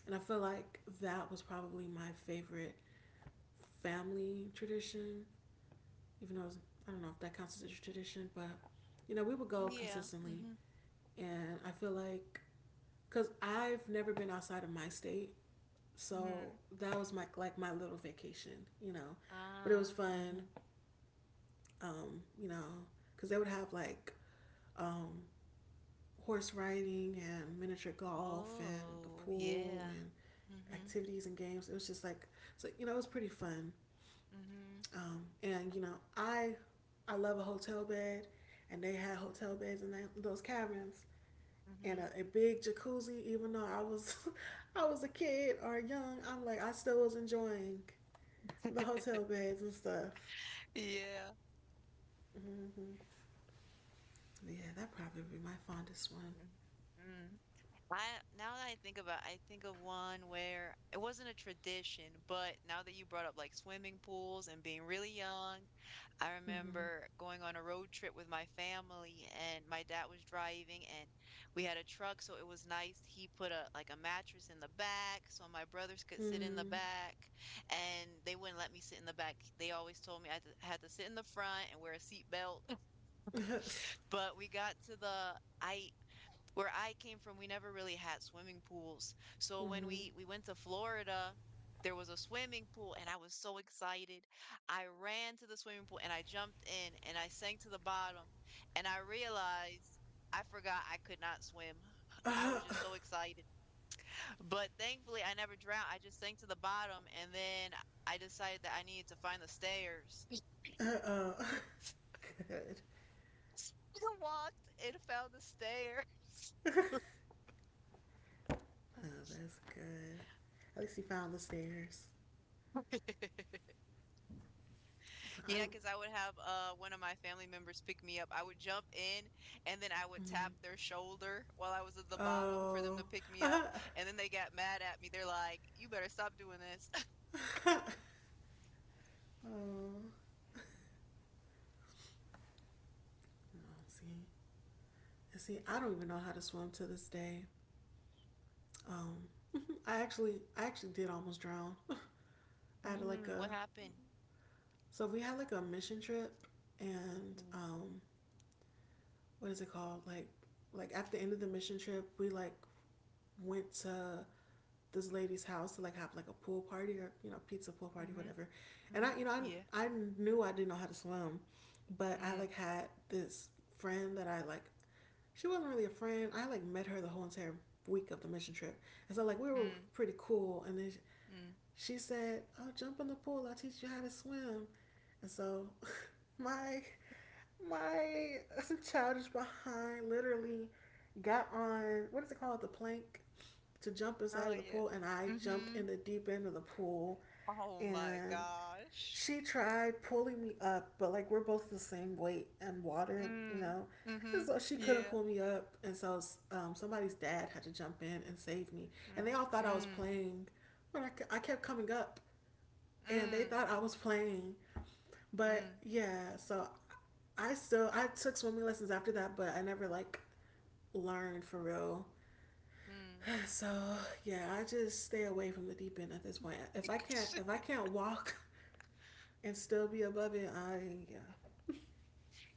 [SPEAKER 1] And I feel like that was probably my favorite family tradition, even though I don't know if that counts as a tradition, but we would go
[SPEAKER 2] Yeah.
[SPEAKER 1] consistently.
[SPEAKER 2] Mm-hmm.
[SPEAKER 1] And I feel like, because I've never been outside of my state, so
[SPEAKER 2] Mm-hmm.
[SPEAKER 1] that was my little vacation. But it was
[SPEAKER 2] Ah. Mm-hmm.
[SPEAKER 1] fun, um, you know, because they would have like um, horse riding and miniature golf and the
[SPEAKER 2] Oh,
[SPEAKER 1] pool
[SPEAKER 2] yeah.
[SPEAKER 1] and
[SPEAKER 2] Mm-hmm.
[SPEAKER 1] activities and games. It was just like so, it was pretty fun.
[SPEAKER 2] Mm-hmm.
[SPEAKER 1] And I love a hotel bed, and they had hotel beds in those cabins and
[SPEAKER 2] Mm-hmm.
[SPEAKER 1] a big jacuzzi. Even though I was I was a kid or young, I'm like I still was enjoying the hotel beds and stuff.
[SPEAKER 2] Yeah.
[SPEAKER 1] Hmm. Yeah, that probably would be my fondest one.
[SPEAKER 2] Mm-hmm. I now that I think about I think of one where it wasn't a tradition, but now that you brought up like swimming pools and being really young, I
[SPEAKER 1] Mm-hmm.
[SPEAKER 2] remember going on a road trip with my family and my dad was driving and we had a truck, so it was nice. He put a like a mattress in the back so my brothers could sit in the
[SPEAKER 1] Mm.
[SPEAKER 2] back and they wouldn't let me sit in the back. They always told me I had to sit in the front and wear a seat belt. But we got to the I where I came from, we never really had swimming pools. So when
[SPEAKER 1] Mm-hmm.
[SPEAKER 2] we went to Florida, there was a swimming pool and I was so excited. I ran to the swimming pool and I jumped in and I sank to the bottom and I realized I forgot I could not swim. I
[SPEAKER 1] Uh,
[SPEAKER 2] was just so excited. But thankfully I never drowned. I just sank to the bottom and then I decided that I needed to find the stairs.
[SPEAKER 1] uh, uh, Good.
[SPEAKER 2] I walked and found the stair.
[SPEAKER 1] Oh, that's good. At least he found the stairs. I.
[SPEAKER 2] Yeah, because I would have one of my family members pick me up. I would jump in and then I would tap
[SPEAKER 1] Mhm.
[SPEAKER 2] their shoulder while I was at the bottom for them
[SPEAKER 1] Oh.
[SPEAKER 2] to pick me up.
[SPEAKER 1] Uh,
[SPEAKER 2] And then they got mad at me. They're like, "You better stop doing this."
[SPEAKER 1] oh. No, see, I don't even know how to swim to this day. Um, I actually did almost drown. I had like
[SPEAKER 2] Mm, what
[SPEAKER 1] a,
[SPEAKER 2] happened?
[SPEAKER 1] So we had like a mission trip, and
[SPEAKER 2] Mm,
[SPEAKER 1] what is it called? Like, at the end of the mission trip, we like went to this lady's house to like have like a pool party or pizza pool party
[SPEAKER 2] mhm.
[SPEAKER 1] whatever. And i
[SPEAKER 2] Mhm.
[SPEAKER 1] you know
[SPEAKER 2] Yeah.
[SPEAKER 1] i, I knew I didn't know how to swim, but I
[SPEAKER 2] Mm,
[SPEAKER 1] like had this friend that I like she wasn't really a friend, I like met her the whole entire week of the mission trip. And so like we were
[SPEAKER 2] mm,
[SPEAKER 1] pretty cool, and then she,
[SPEAKER 2] mm.
[SPEAKER 1] she said, "Oh, jump in the pool. I'll teach you how to swim." And so, my my childish behind literally got on what is it called the plank to jump inside
[SPEAKER 2] Oh
[SPEAKER 1] of the
[SPEAKER 2] yeah.
[SPEAKER 1] pool, and I jumped in
[SPEAKER 2] Mhm.
[SPEAKER 1] the deep end of the pool,
[SPEAKER 2] Oh my
[SPEAKER 1] and
[SPEAKER 2] gosh.
[SPEAKER 1] she tried pulling me up, but like we're both the same weight and water, you
[SPEAKER 2] Mm.
[SPEAKER 1] know. And
[SPEAKER 2] Mhm.
[SPEAKER 1] so she couldn't
[SPEAKER 2] Yeah.
[SPEAKER 1] pull me up, and so somebody's dad had to jump in and save me. And they
[SPEAKER 2] Mm.
[SPEAKER 1] all thought I was
[SPEAKER 2] Mm.
[SPEAKER 1] playing, but I kept coming up, and they
[SPEAKER 2] Mm.
[SPEAKER 1] thought I was playing. But
[SPEAKER 2] Mm.
[SPEAKER 1] yeah, so I took swimming lessons after that, but I never like learned for real.
[SPEAKER 2] Mm.
[SPEAKER 1] So yeah, I just stay away from the deep end at this point. If I can't if I can't walk and still be above it, I yeah,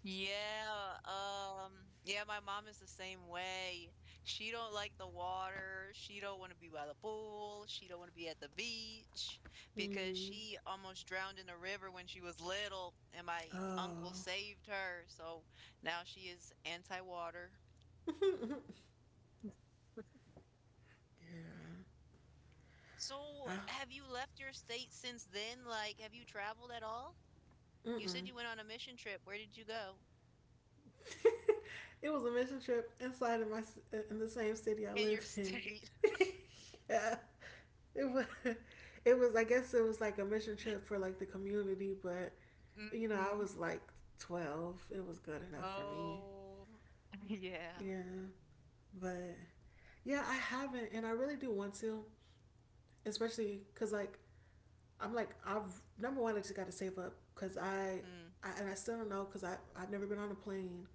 [SPEAKER 2] Yeah, yeah, my mom is the same way. She don't like the water. She don't want to be by the pool. She don't want to be at the beach because
[SPEAKER 1] Mm.
[SPEAKER 2] she almost drowned in the river when she was little, and my uncle
[SPEAKER 1] Oh.
[SPEAKER 2] saved her. So now she is anti-water.
[SPEAKER 1] Yeah.
[SPEAKER 2] So
[SPEAKER 1] I,
[SPEAKER 2] have you left your state since then? Like, have you traveled at all? You said
[SPEAKER 1] mm-mm.
[SPEAKER 2] you went on a mission trip. Where did you go?
[SPEAKER 1] It was a mission trip inside of my in the same city I
[SPEAKER 2] In your
[SPEAKER 1] live in.
[SPEAKER 2] state.
[SPEAKER 1] Yeah. It was it was, like a mission trip for like the community, but I
[SPEAKER 2] Mm.
[SPEAKER 1] was like 12. It was good enough for me.
[SPEAKER 2] Oh, yeah.
[SPEAKER 1] Yeah. But yeah, I haven't, and I really do want to, especially cuz like I'm like, I've number one, I just got to save up because
[SPEAKER 2] Mm,
[SPEAKER 1] and I still don't know because I've never been on a plane,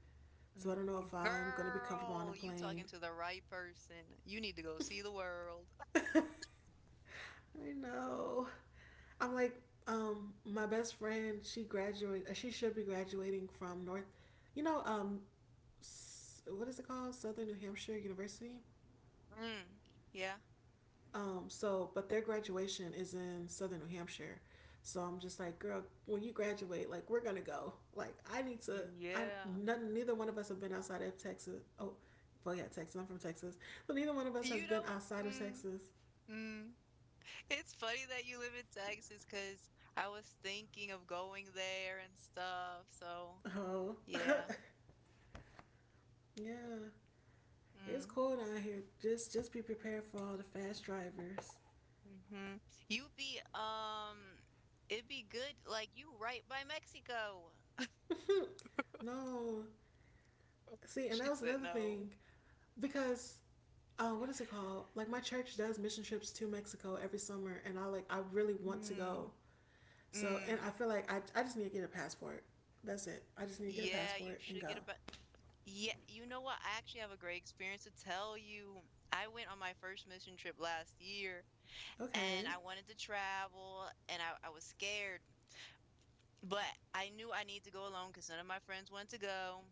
[SPEAKER 1] so I
[SPEAKER 2] mm.
[SPEAKER 1] don't know if I'm gonna be comfortable on a
[SPEAKER 2] Girl, you
[SPEAKER 1] plane.
[SPEAKER 2] talking to the right person. You need to go see the world.
[SPEAKER 1] I know. I'm like, my best friend, she graduated, she should be graduating from North, you know, um, what is it called? Southern New Hampshire University.
[SPEAKER 2] Mm, yeah,
[SPEAKER 1] So, but their graduation is in southern New Hampshire. So I'm just like, girl, when you graduate, like we're gonna go. Like I need to. I
[SPEAKER 2] yeah.
[SPEAKER 1] none, neither one of us have been outside of Texas. Oh, well, yeah, Texas. I'm from Texas, so neither one of us has
[SPEAKER 2] You
[SPEAKER 1] been
[SPEAKER 2] know,
[SPEAKER 1] outside of
[SPEAKER 2] mm,
[SPEAKER 1] Texas.
[SPEAKER 2] mm. It's funny that you live in Texas because I was thinking of going there and stuff. So,
[SPEAKER 1] Oh,
[SPEAKER 2] yeah.
[SPEAKER 1] yeah, it's
[SPEAKER 2] Mm,
[SPEAKER 1] cold out here. Just be prepared for all the fast drivers.
[SPEAKER 2] mm-hmm. You be, it'd be good, like you right by Mexico.
[SPEAKER 1] No, see, and
[SPEAKER 2] She
[SPEAKER 1] that was
[SPEAKER 2] said
[SPEAKER 1] another
[SPEAKER 2] no.
[SPEAKER 1] thing because oh, what is it called? Like my church does mission trips to Mexico every summer, and I really want to go.
[SPEAKER 2] Mm,
[SPEAKER 1] So, and I
[SPEAKER 2] mm.
[SPEAKER 1] feel like I just need to get a passport. That's it. I just need to get a
[SPEAKER 2] Yeah, you
[SPEAKER 1] passport and
[SPEAKER 2] should
[SPEAKER 1] go.
[SPEAKER 2] get a ba- Yeah, you know what? I actually have a great experience to tell you. I went on my first mission trip last year and
[SPEAKER 1] Okay.
[SPEAKER 2] I wanted to travel and I was scared, but I knew I need to go alone because none of my friends wanted to go.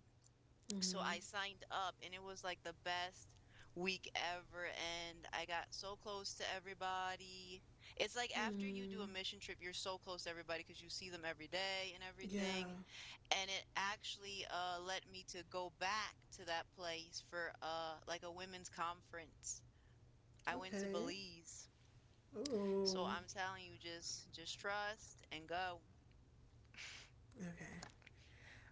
[SPEAKER 2] So
[SPEAKER 1] Mm-hmm.
[SPEAKER 2] I signed up and it was like the best week ever. And I got so close to everybody. It's like after you do
[SPEAKER 1] Hmm.
[SPEAKER 2] a mission trip, you're so close to everybody because you see them every day and
[SPEAKER 1] Yeah.
[SPEAKER 2] everything and it actually led me to go back to that place for like a women's conference. I went to
[SPEAKER 1] Okay.
[SPEAKER 2] Belize. So
[SPEAKER 1] Ooh.
[SPEAKER 2] I'm telling you, just trust and go.
[SPEAKER 1] Okay.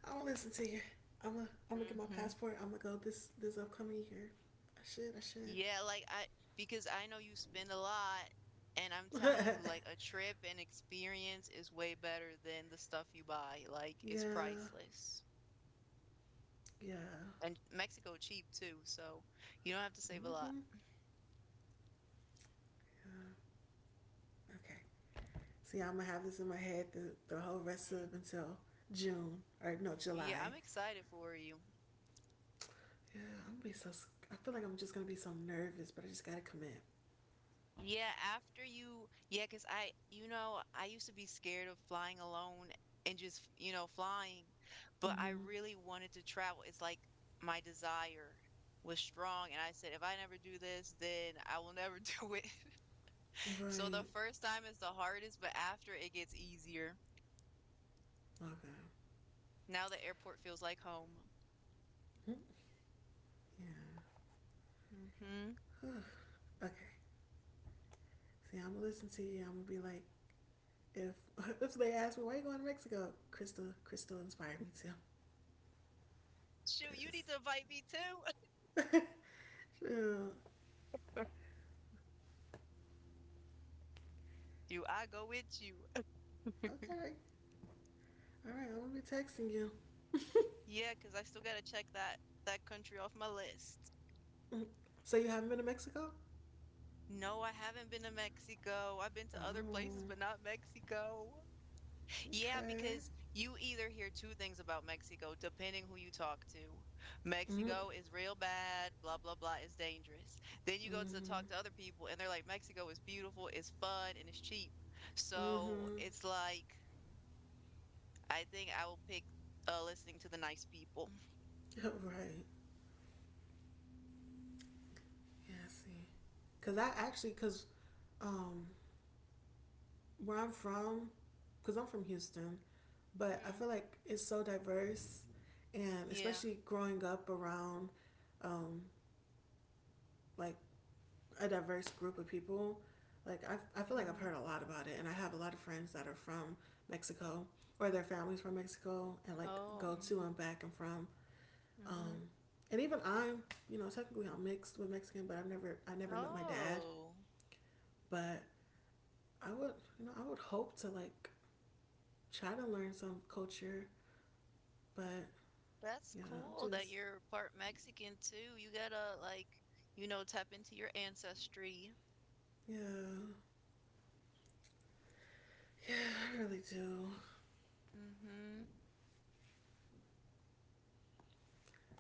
[SPEAKER 1] I'm gonna listen to you. I'm gonna get my
[SPEAKER 2] Hmm.
[SPEAKER 1] passport. I'm gonna go this upcoming year. I should. I should.
[SPEAKER 2] Yeah, like I because I know you spend a lot and I'm telling you like a trip and experience is way better than the stuff you buy. Like it's
[SPEAKER 1] Yeah.
[SPEAKER 2] priceless.
[SPEAKER 1] Yeah.
[SPEAKER 2] And Mexico cheap too, so you don't have to save a lot.
[SPEAKER 1] Mm-hmm. Yeah. Okay. See, I'm gonna have this in my head the whole rest
[SPEAKER 2] Mhm.
[SPEAKER 1] of until June or no
[SPEAKER 2] Yeah,
[SPEAKER 1] July.
[SPEAKER 2] I'm excited for you.
[SPEAKER 1] Yeah, I'm gonna be so. I feel like I'm just gonna be so nervous, but I just gotta commit.
[SPEAKER 2] Yeah, after you, yeah, 'cause I, you know, I used to be scared of flying alone and just, you know, flying, but I
[SPEAKER 1] Mm-hmm.
[SPEAKER 2] really wanted to travel. It's like my desire was strong, and I said, if I never do this, then I will never do it. So the
[SPEAKER 1] Right.
[SPEAKER 2] first time is the hardest, but after it gets easier.
[SPEAKER 1] Okay.
[SPEAKER 2] Now the airport feels like home.
[SPEAKER 1] Mm-hmm. Yeah.
[SPEAKER 2] Hmm.
[SPEAKER 1] Okay. See, I'm gonna listen to you. I'm gonna be like, if if they ask me why are you going to Mexico, Crystal inspired me too,
[SPEAKER 2] Shoot, you need
[SPEAKER 1] cause.
[SPEAKER 2] to invite me too.
[SPEAKER 1] Yeah,
[SPEAKER 2] Do I go with you?
[SPEAKER 1] okay. All right. I'm gonna be texting you.
[SPEAKER 2] Yeah, 'cause I still gotta check that country off my list.
[SPEAKER 1] So you haven't been to Mexico?
[SPEAKER 2] No, I haven't been to Mexico. I've been to other places,
[SPEAKER 1] Oh.
[SPEAKER 2] but not Mexico. Yeah,
[SPEAKER 1] Okay.
[SPEAKER 2] because you either hear two things about Mexico, depending who you talk to.
[SPEAKER 1] Mm-hmm.
[SPEAKER 2] Mexico is real bad, blah, blah, blah, is dangerous. Then you go to
[SPEAKER 1] Mm-hmm.
[SPEAKER 2] talk to other people, and they're like, Mexico is beautiful, it's fun, and it's cheap. So
[SPEAKER 1] Mm-hmm.
[SPEAKER 2] it's like, I think I will pick listening to the nice people.
[SPEAKER 1] Right. Yeah, I see. Because um, where I'm from, because I'm from Houston, but I
[SPEAKER 2] Mm,
[SPEAKER 1] feel like it's so diverse, and
[SPEAKER 2] yeah.
[SPEAKER 1] especially growing up around um, like a diverse group of people, like I feel like I've
[SPEAKER 2] Mm-hmm.
[SPEAKER 1] heard a lot about it, and I have a lot of friends that are from Mexico or their families from Mexico, and like
[SPEAKER 2] Oh.
[SPEAKER 1] go to
[SPEAKER 2] Mm-hmm.
[SPEAKER 1] and back and from.
[SPEAKER 2] Mm-hmm.
[SPEAKER 1] Um, and even technically I'm mixed with Mexican, but I never met my dad.
[SPEAKER 2] Oh.
[SPEAKER 1] But I would, I would hope to like try to learn some culture, but
[SPEAKER 2] That's
[SPEAKER 1] yeah, I'm
[SPEAKER 2] cool that
[SPEAKER 1] just
[SPEAKER 2] you're part Mexican too. You gotta like, you know, tap into your ancestry.
[SPEAKER 1] yeah, yeah, I really do.
[SPEAKER 2] Hmm.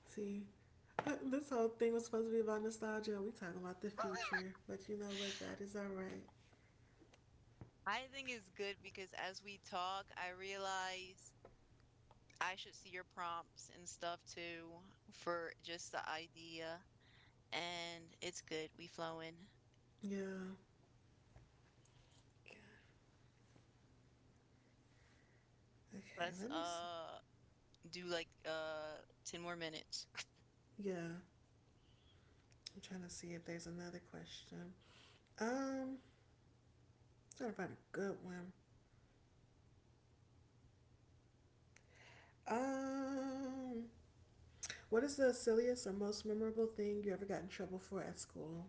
[SPEAKER 1] See, this whole thing was supposed to be about nostalgia. We talking about the future, but you know what? That is all right.
[SPEAKER 2] I think it's good because as we talk, I realize I should see your prompts and stuff too for just the idea. And it's good. We flowing.
[SPEAKER 1] Yeah. Okay,
[SPEAKER 2] Let's
[SPEAKER 1] let me. See.
[SPEAKER 2] uh do like 10 more minutes.
[SPEAKER 1] Yeah, I'm trying to see if there's another question. Um, trying to find a good one. Um, what is the silliest or most memorable thing you ever got in trouble for at school?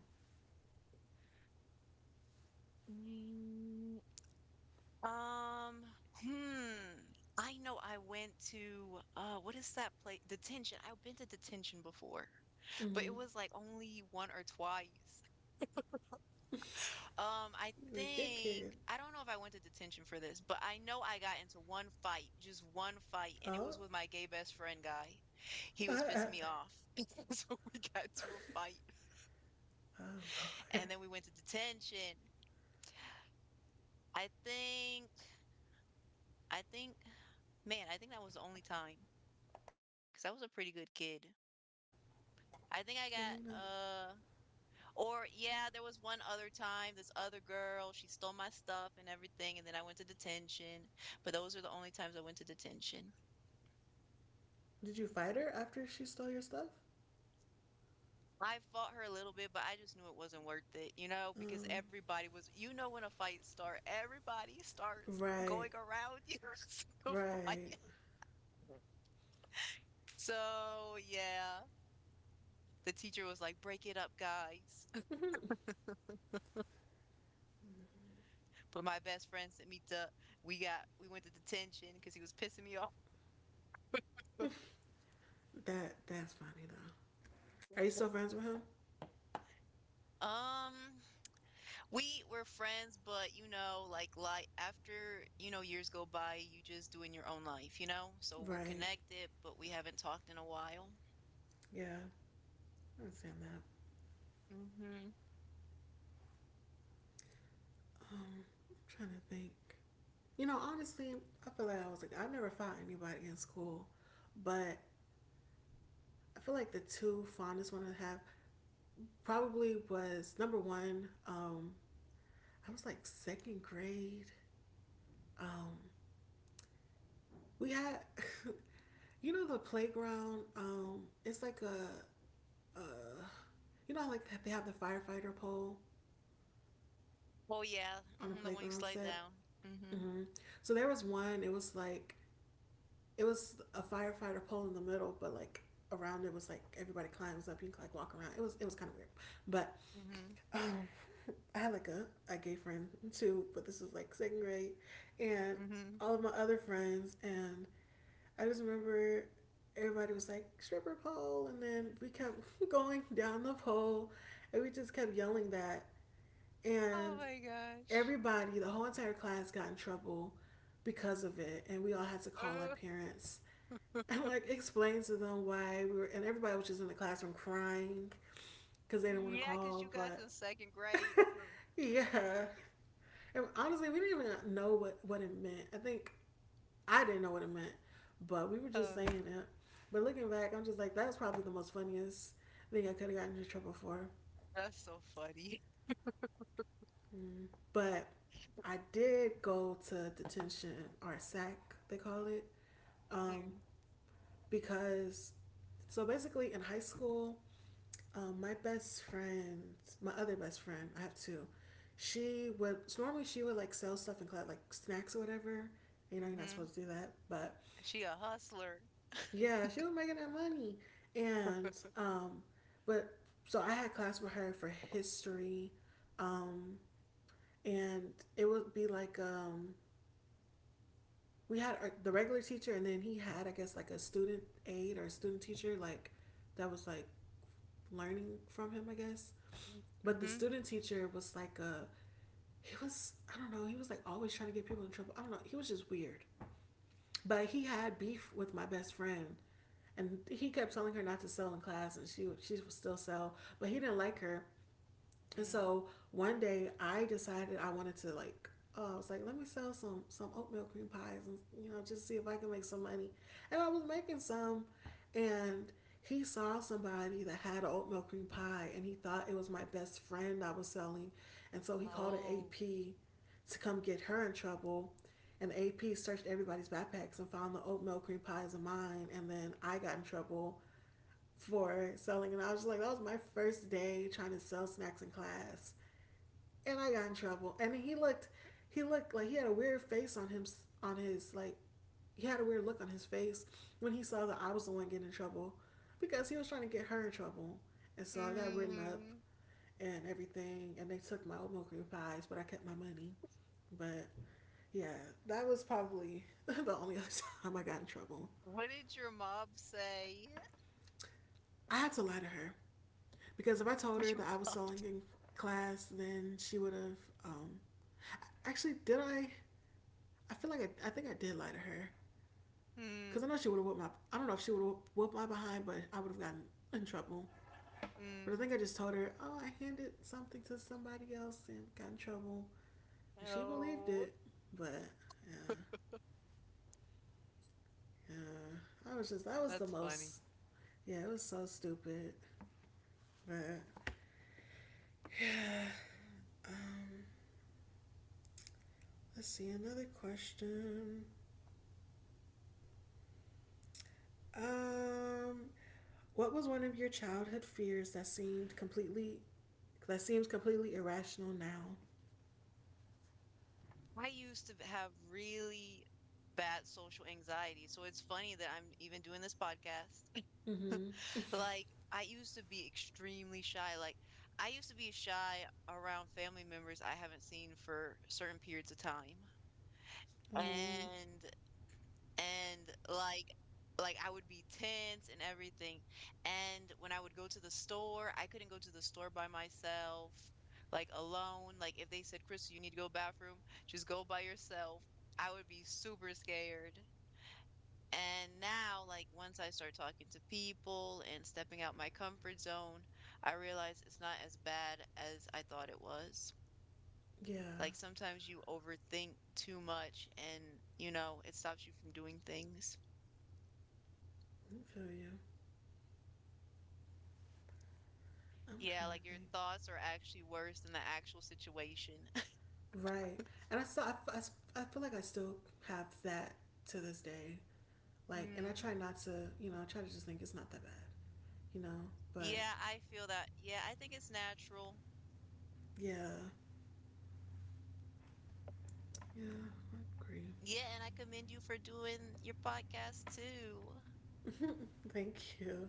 [SPEAKER 2] Mm. Um, hmm. I know I went to what is that place? Detention. I've been to detention before, but
[SPEAKER 1] Mm-hmm.
[SPEAKER 2] it was like only one or twice. I
[SPEAKER 1] You're a good kid.
[SPEAKER 2] think I don't know if I went to detention for this, but I know I got into one fight, just one fight, and it
[SPEAKER 1] Oh.
[SPEAKER 2] was with my gay best friend guy. He was
[SPEAKER 1] Oh.
[SPEAKER 2] pissing me off. So we got to a fight and then we went to detention. I think I think man, I think that was the only time because I was a pretty good kid. I think I got
[SPEAKER 1] You know.
[SPEAKER 2] or yeah, there was one other time this other girl, she stole my stuff and everything and then I went to detention. But those are the only times I went to detention.
[SPEAKER 1] Did you fight her after she stole your stuff?
[SPEAKER 2] I fought her a little bit, but I just knew it wasn't worth it, you know, because
[SPEAKER 1] Um,
[SPEAKER 2] everybody was you know when a fight starts, everybody starts
[SPEAKER 1] right,
[SPEAKER 2] going around you to
[SPEAKER 1] right.
[SPEAKER 2] fight. So yeah, the teacher was like, "Break it up, guys." But my best friend sent me to. We went to detention because he was pissing me off.
[SPEAKER 1] That's funny though. Are you still friends with him?
[SPEAKER 2] Um, We were friends, but you know, like after, you know, years go by, you just doing your own life, you know? So we're
[SPEAKER 1] Right.
[SPEAKER 2] connected, but we haven't talked in a while.
[SPEAKER 1] Yeah, I understand that.
[SPEAKER 2] Hmm.
[SPEAKER 1] Um, I'm trying to think. You know, honestly, I feel like I was like I never fought anybody in school, but I feel like the two fondest one I have probably was number one. I was like second grade. Um, we had You know the playground. It's like a, you know, how, like they have the firefighter pole
[SPEAKER 2] Oh yeah.
[SPEAKER 1] on a
[SPEAKER 2] Hmm, the one you
[SPEAKER 1] playground
[SPEAKER 2] slide
[SPEAKER 1] set.
[SPEAKER 2] down. Hmm.
[SPEAKER 1] Hmm. So there was one. It was like it was a firefighter pole in the middle, but like around it was like everybody climbs up. You can like walk around. It was kind of weird, but
[SPEAKER 2] Hmm.
[SPEAKER 1] um, I had like a gay friend too. But this was like second grade, and
[SPEAKER 2] Hmm.
[SPEAKER 1] all of my other friends and I just remember everybody was like stripper pole, and then we kept going down the pole, and we just kept yelling that,
[SPEAKER 2] Oh
[SPEAKER 1] and
[SPEAKER 2] my gosh.
[SPEAKER 1] everybody, the whole entire class, got in trouble because of it, and we all had to call our
[SPEAKER 2] Uh,
[SPEAKER 1] parents and like explain to them why we were, and everybody was just in the classroom crying because they didn't want to
[SPEAKER 2] yeah, because
[SPEAKER 1] call,
[SPEAKER 2] you guys
[SPEAKER 1] but
[SPEAKER 2] in second grade.
[SPEAKER 1] yeah. And honestly, we didn't even know what it meant. I think I didn't know what it meant, but we were just saying
[SPEAKER 2] Oh,
[SPEAKER 1] it. But looking back, I'm just like, that was probably the most funniest thing I could have gotten in trouble for.
[SPEAKER 2] that's so funny.
[SPEAKER 1] Mm. But I did go to detention or SAC, they call it, um, because so basically in high school, my best friend, my other best friend, I have two. She would So normally she would like sell stuff in class, like snacks or whatever. You know, you're not
[SPEAKER 2] Mm-hmm.
[SPEAKER 1] supposed to do that, but
[SPEAKER 2] She a hustler.
[SPEAKER 1] Yeah, she was making that money. And but so I had class with her for history. Um and it would be like we had our, the regular teacher, and then he had I guess like a student aide or a student teacher like that was like learning from him, I guess. But the
[SPEAKER 2] Mm-hmm.
[SPEAKER 1] student teacher was like a, he was, I don't know, he was like always trying to get people in trouble. I don't know. He was just weird. But he had beef with my best friend, and he kept telling her not to sell in class, and she would still sell, but he didn't like her. And
[SPEAKER 2] Mm.
[SPEAKER 1] so one day I decided I wanted to like, I was like, let me sell some oatmeal cream pies and you know just see if I can make some money. And I was making some, and he saw somebody that had an oatmeal cream pie, and he thought it was my best friend I was selling, and so he called an
[SPEAKER 2] Oh.
[SPEAKER 1] AP to come get her in trouble. And the AP searched everybody's backpacks and found the oatmeal cream pies of mine, and then I got in trouble for selling. And I was just like, that was my first day trying to sell snacks in class and I got in trouble. And he looked like he had a weird face on him, on his, like, he had a weird look on his face when he saw that I was the one getting in trouble, because he was trying to get her in trouble. And so I got written up
[SPEAKER 2] Mm.
[SPEAKER 1] and everything, and they took my oatmeal cream pies, but I kept my money. But yeah, that was probably the only other time I got in trouble.
[SPEAKER 2] What did your mom say?
[SPEAKER 1] I had to lie to her because if I told
[SPEAKER 2] Would
[SPEAKER 1] her
[SPEAKER 2] you
[SPEAKER 1] that I was
[SPEAKER 2] lie?
[SPEAKER 1] stalling in class, then she would have. Um, Actually, did I? I feel like I think I did lie to her. Because I
[SPEAKER 2] Mm.
[SPEAKER 1] know she would have whooped my, I don't know if she would have whooped my behind, but I would have gotten in trouble. But I
[SPEAKER 2] Mm.
[SPEAKER 1] think I just told her, oh, I handed something to somebody else and got in trouble. And she believed
[SPEAKER 2] Oh,
[SPEAKER 1] it. But yeah, yeah. I was just, that was the
[SPEAKER 2] that's funny.
[SPEAKER 1] most, yeah, it was so stupid. But yeah. Um, let's see, another question. Um, what was one of your childhood fears that seemed that seems completely irrational now?
[SPEAKER 2] I used to have really bad social anxiety, so it's funny that I'm even doing this podcast.
[SPEAKER 1] Mm-hmm.
[SPEAKER 2] Like, I used to be extremely shy. Like, I used to be shy around family members I haven't seen for certain periods of time.
[SPEAKER 1] um,
[SPEAKER 2] And and like I would be tense and everything. And when I would go to the store, I couldn't go to the store by myself, like alone. Like if they said, "Chris, you need to go bathroom," just go by yourself. I would be super scared. And now, like once I start talking to people and stepping out my comfort zone, I realize it's not as bad as I thought it was.
[SPEAKER 1] Yeah,
[SPEAKER 2] Like sometimes you overthink too much and, you know, it stops you from doing things.
[SPEAKER 1] I feel you. I'm
[SPEAKER 2] Yeah,
[SPEAKER 1] trying to
[SPEAKER 2] like your
[SPEAKER 1] think.
[SPEAKER 2] thoughts are actually worse than the actual situation.
[SPEAKER 1] Right, and I still, I feel like I still have that to this day. Like, and I
[SPEAKER 2] Mm.
[SPEAKER 1] try not to, you know, I try to just think it's not that bad, you know. But
[SPEAKER 2] Yeah, I feel that. Yeah, I think it's natural.
[SPEAKER 1] yeah, yeah, I agree.
[SPEAKER 2] Yeah, and I commend you for doing your podcast too.
[SPEAKER 1] Thank you.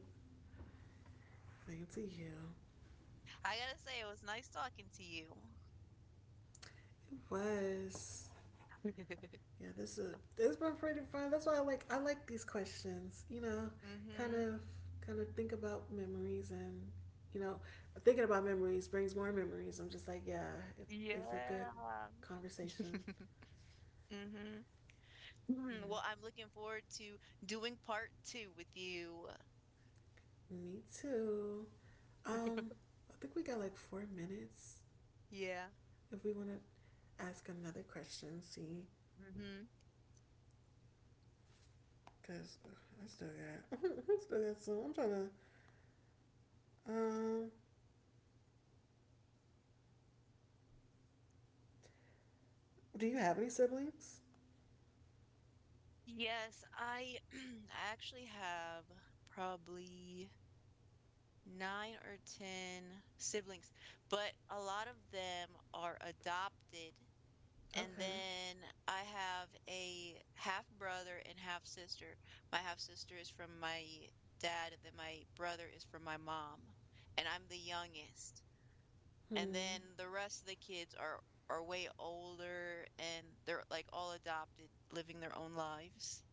[SPEAKER 1] Thank to you.
[SPEAKER 2] I gotta say, it was nice talking to you.
[SPEAKER 1] It was. Yeah, this has been pretty fun. That's why I like these questions. You know, kind
[SPEAKER 2] Mm-hmm.
[SPEAKER 1] of, kind of think about memories and, you know, thinking about memories brings more memories. I'm just like, yeah, it's a good
[SPEAKER 2] Yeah.
[SPEAKER 1] conversation.
[SPEAKER 2] Mm-hmm. Mm,
[SPEAKER 1] Mm-hmm.
[SPEAKER 2] well, I'm looking forward to doing part two with you.
[SPEAKER 1] Me too. Um, I think we got like 4 minutes
[SPEAKER 2] Yeah.
[SPEAKER 1] if we want to ask another question. See,
[SPEAKER 2] Mm-hmm.
[SPEAKER 1] because I still got I still got some. I'm trying to. Um, do you have any siblings?
[SPEAKER 2] Yes, I I actually have probably 9 or 10 siblings, but a lot of them are adopted. And
[SPEAKER 1] Okay.
[SPEAKER 2] then I have a half brother and half sister. My half sister is from my dad, and then my brother is from my mom. And I'm the youngest. And
[SPEAKER 1] Hmm.
[SPEAKER 2] then the rest of the kids are way older and they're like all adopted, living their own lives.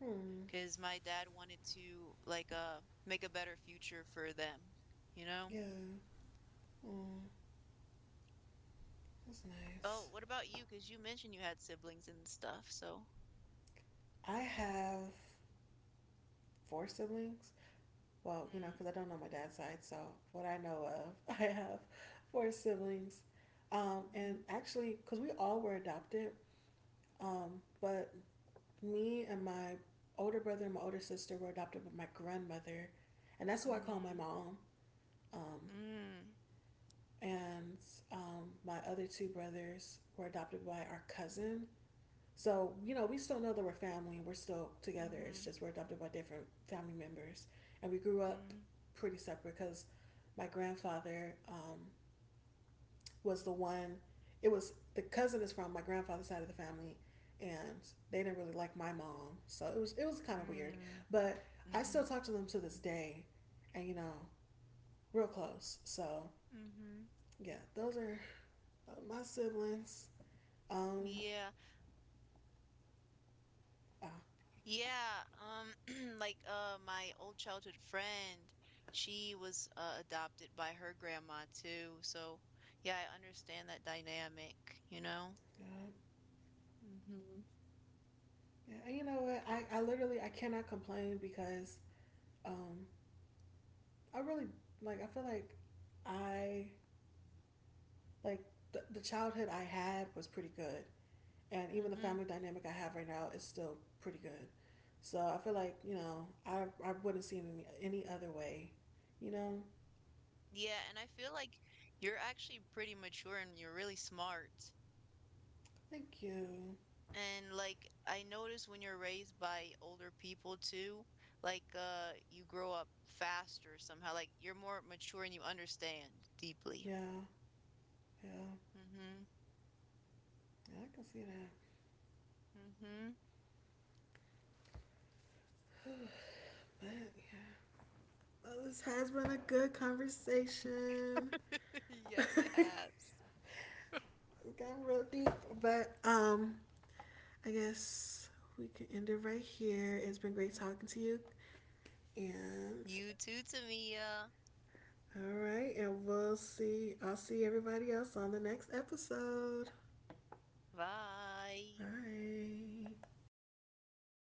[SPEAKER 1] Hmm.
[SPEAKER 2] Because my dad wanted to like make a better future for them, you know?
[SPEAKER 1] Yeah. Mm, that's
[SPEAKER 2] Oh,
[SPEAKER 1] nice.
[SPEAKER 2] what about you? Because you mentioned you had siblings and stuff, so
[SPEAKER 1] I have four siblings. Well, you know,
[SPEAKER 2] mm,
[SPEAKER 1] because I don't know my dad's side, so what I know of, I have four siblings. And
[SPEAKER 2] mhm,
[SPEAKER 1] actually, because we all were adopted, but me and my older brother and my older sister were adopted by my grandmother, and that's who I call my
[SPEAKER 2] mm,
[SPEAKER 1] mom. Um,
[SPEAKER 2] mm,
[SPEAKER 1] and my other two brothers were adopted by our cousin. So, you know, we still know that we're family and we're still together. It's
[SPEAKER 2] mhm,
[SPEAKER 1] just we're adopted by different family members. And we grew up
[SPEAKER 2] mm,
[SPEAKER 1] pretty separate because my grandfather was the one, it was, the cousin is from my grandfather's side of the family. And they didn't really like my mom. So it was kind of weird.
[SPEAKER 2] mm,
[SPEAKER 1] But I still
[SPEAKER 2] mhm,
[SPEAKER 1] talk to them to this day. And, you know, real close. So,
[SPEAKER 2] mhm.
[SPEAKER 1] yeah, those are my siblings. Um,
[SPEAKER 2] Yeah.
[SPEAKER 1] ah,
[SPEAKER 2] Yeah, like, my old childhood friend, she was, adopted by her grandma too, so, yeah, I understand that dynamic, you know?
[SPEAKER 1] yeah.
[SPEAKER 2] Mhm.
[SPEAKER 1] Yeah, and you know what? I literally, I cannot complain because um I really, like, I feel like I, like, the childhood I had was pretty good, and even the
[SPEAKER 2] Mhm.
[SPEAKER 1] family dynamic I have right now is still pretty good. So I feel like, you know, I wouldn't see it any other way, you know.
[SPEAKER 2] Yeah, and I feel like you're actually pretty mature and you're really smart.
[SPEAKER 1] Thank you.
[SPEAKER 2] And like I notice when you're raised by older people too, like you grow up faster somehow. Like you're more mature and you understand deeply.
[SPEAKER 1] Yeah, yeah,
[SPEAKER 2] Mm-hmm.
[SPEAKER 1] yeah. I can see that.
[SPEAKER 2] Mm-hmm.
[SPEAKER 1] But yeah, well, this has been a good conversation. It
[SPEAKER 2] Yes, it has.
[SPEAKER 1] got real deep, but I guess we can end it right here. It's been great talking to you. And
[SPEAKER 2] You too, Tamia.
[SPEAKER 1] all right, and we'll see. I'll see everybody else on the next episode.
[SPEAKER 2] Bye.
[SPEAKER 1] Bye.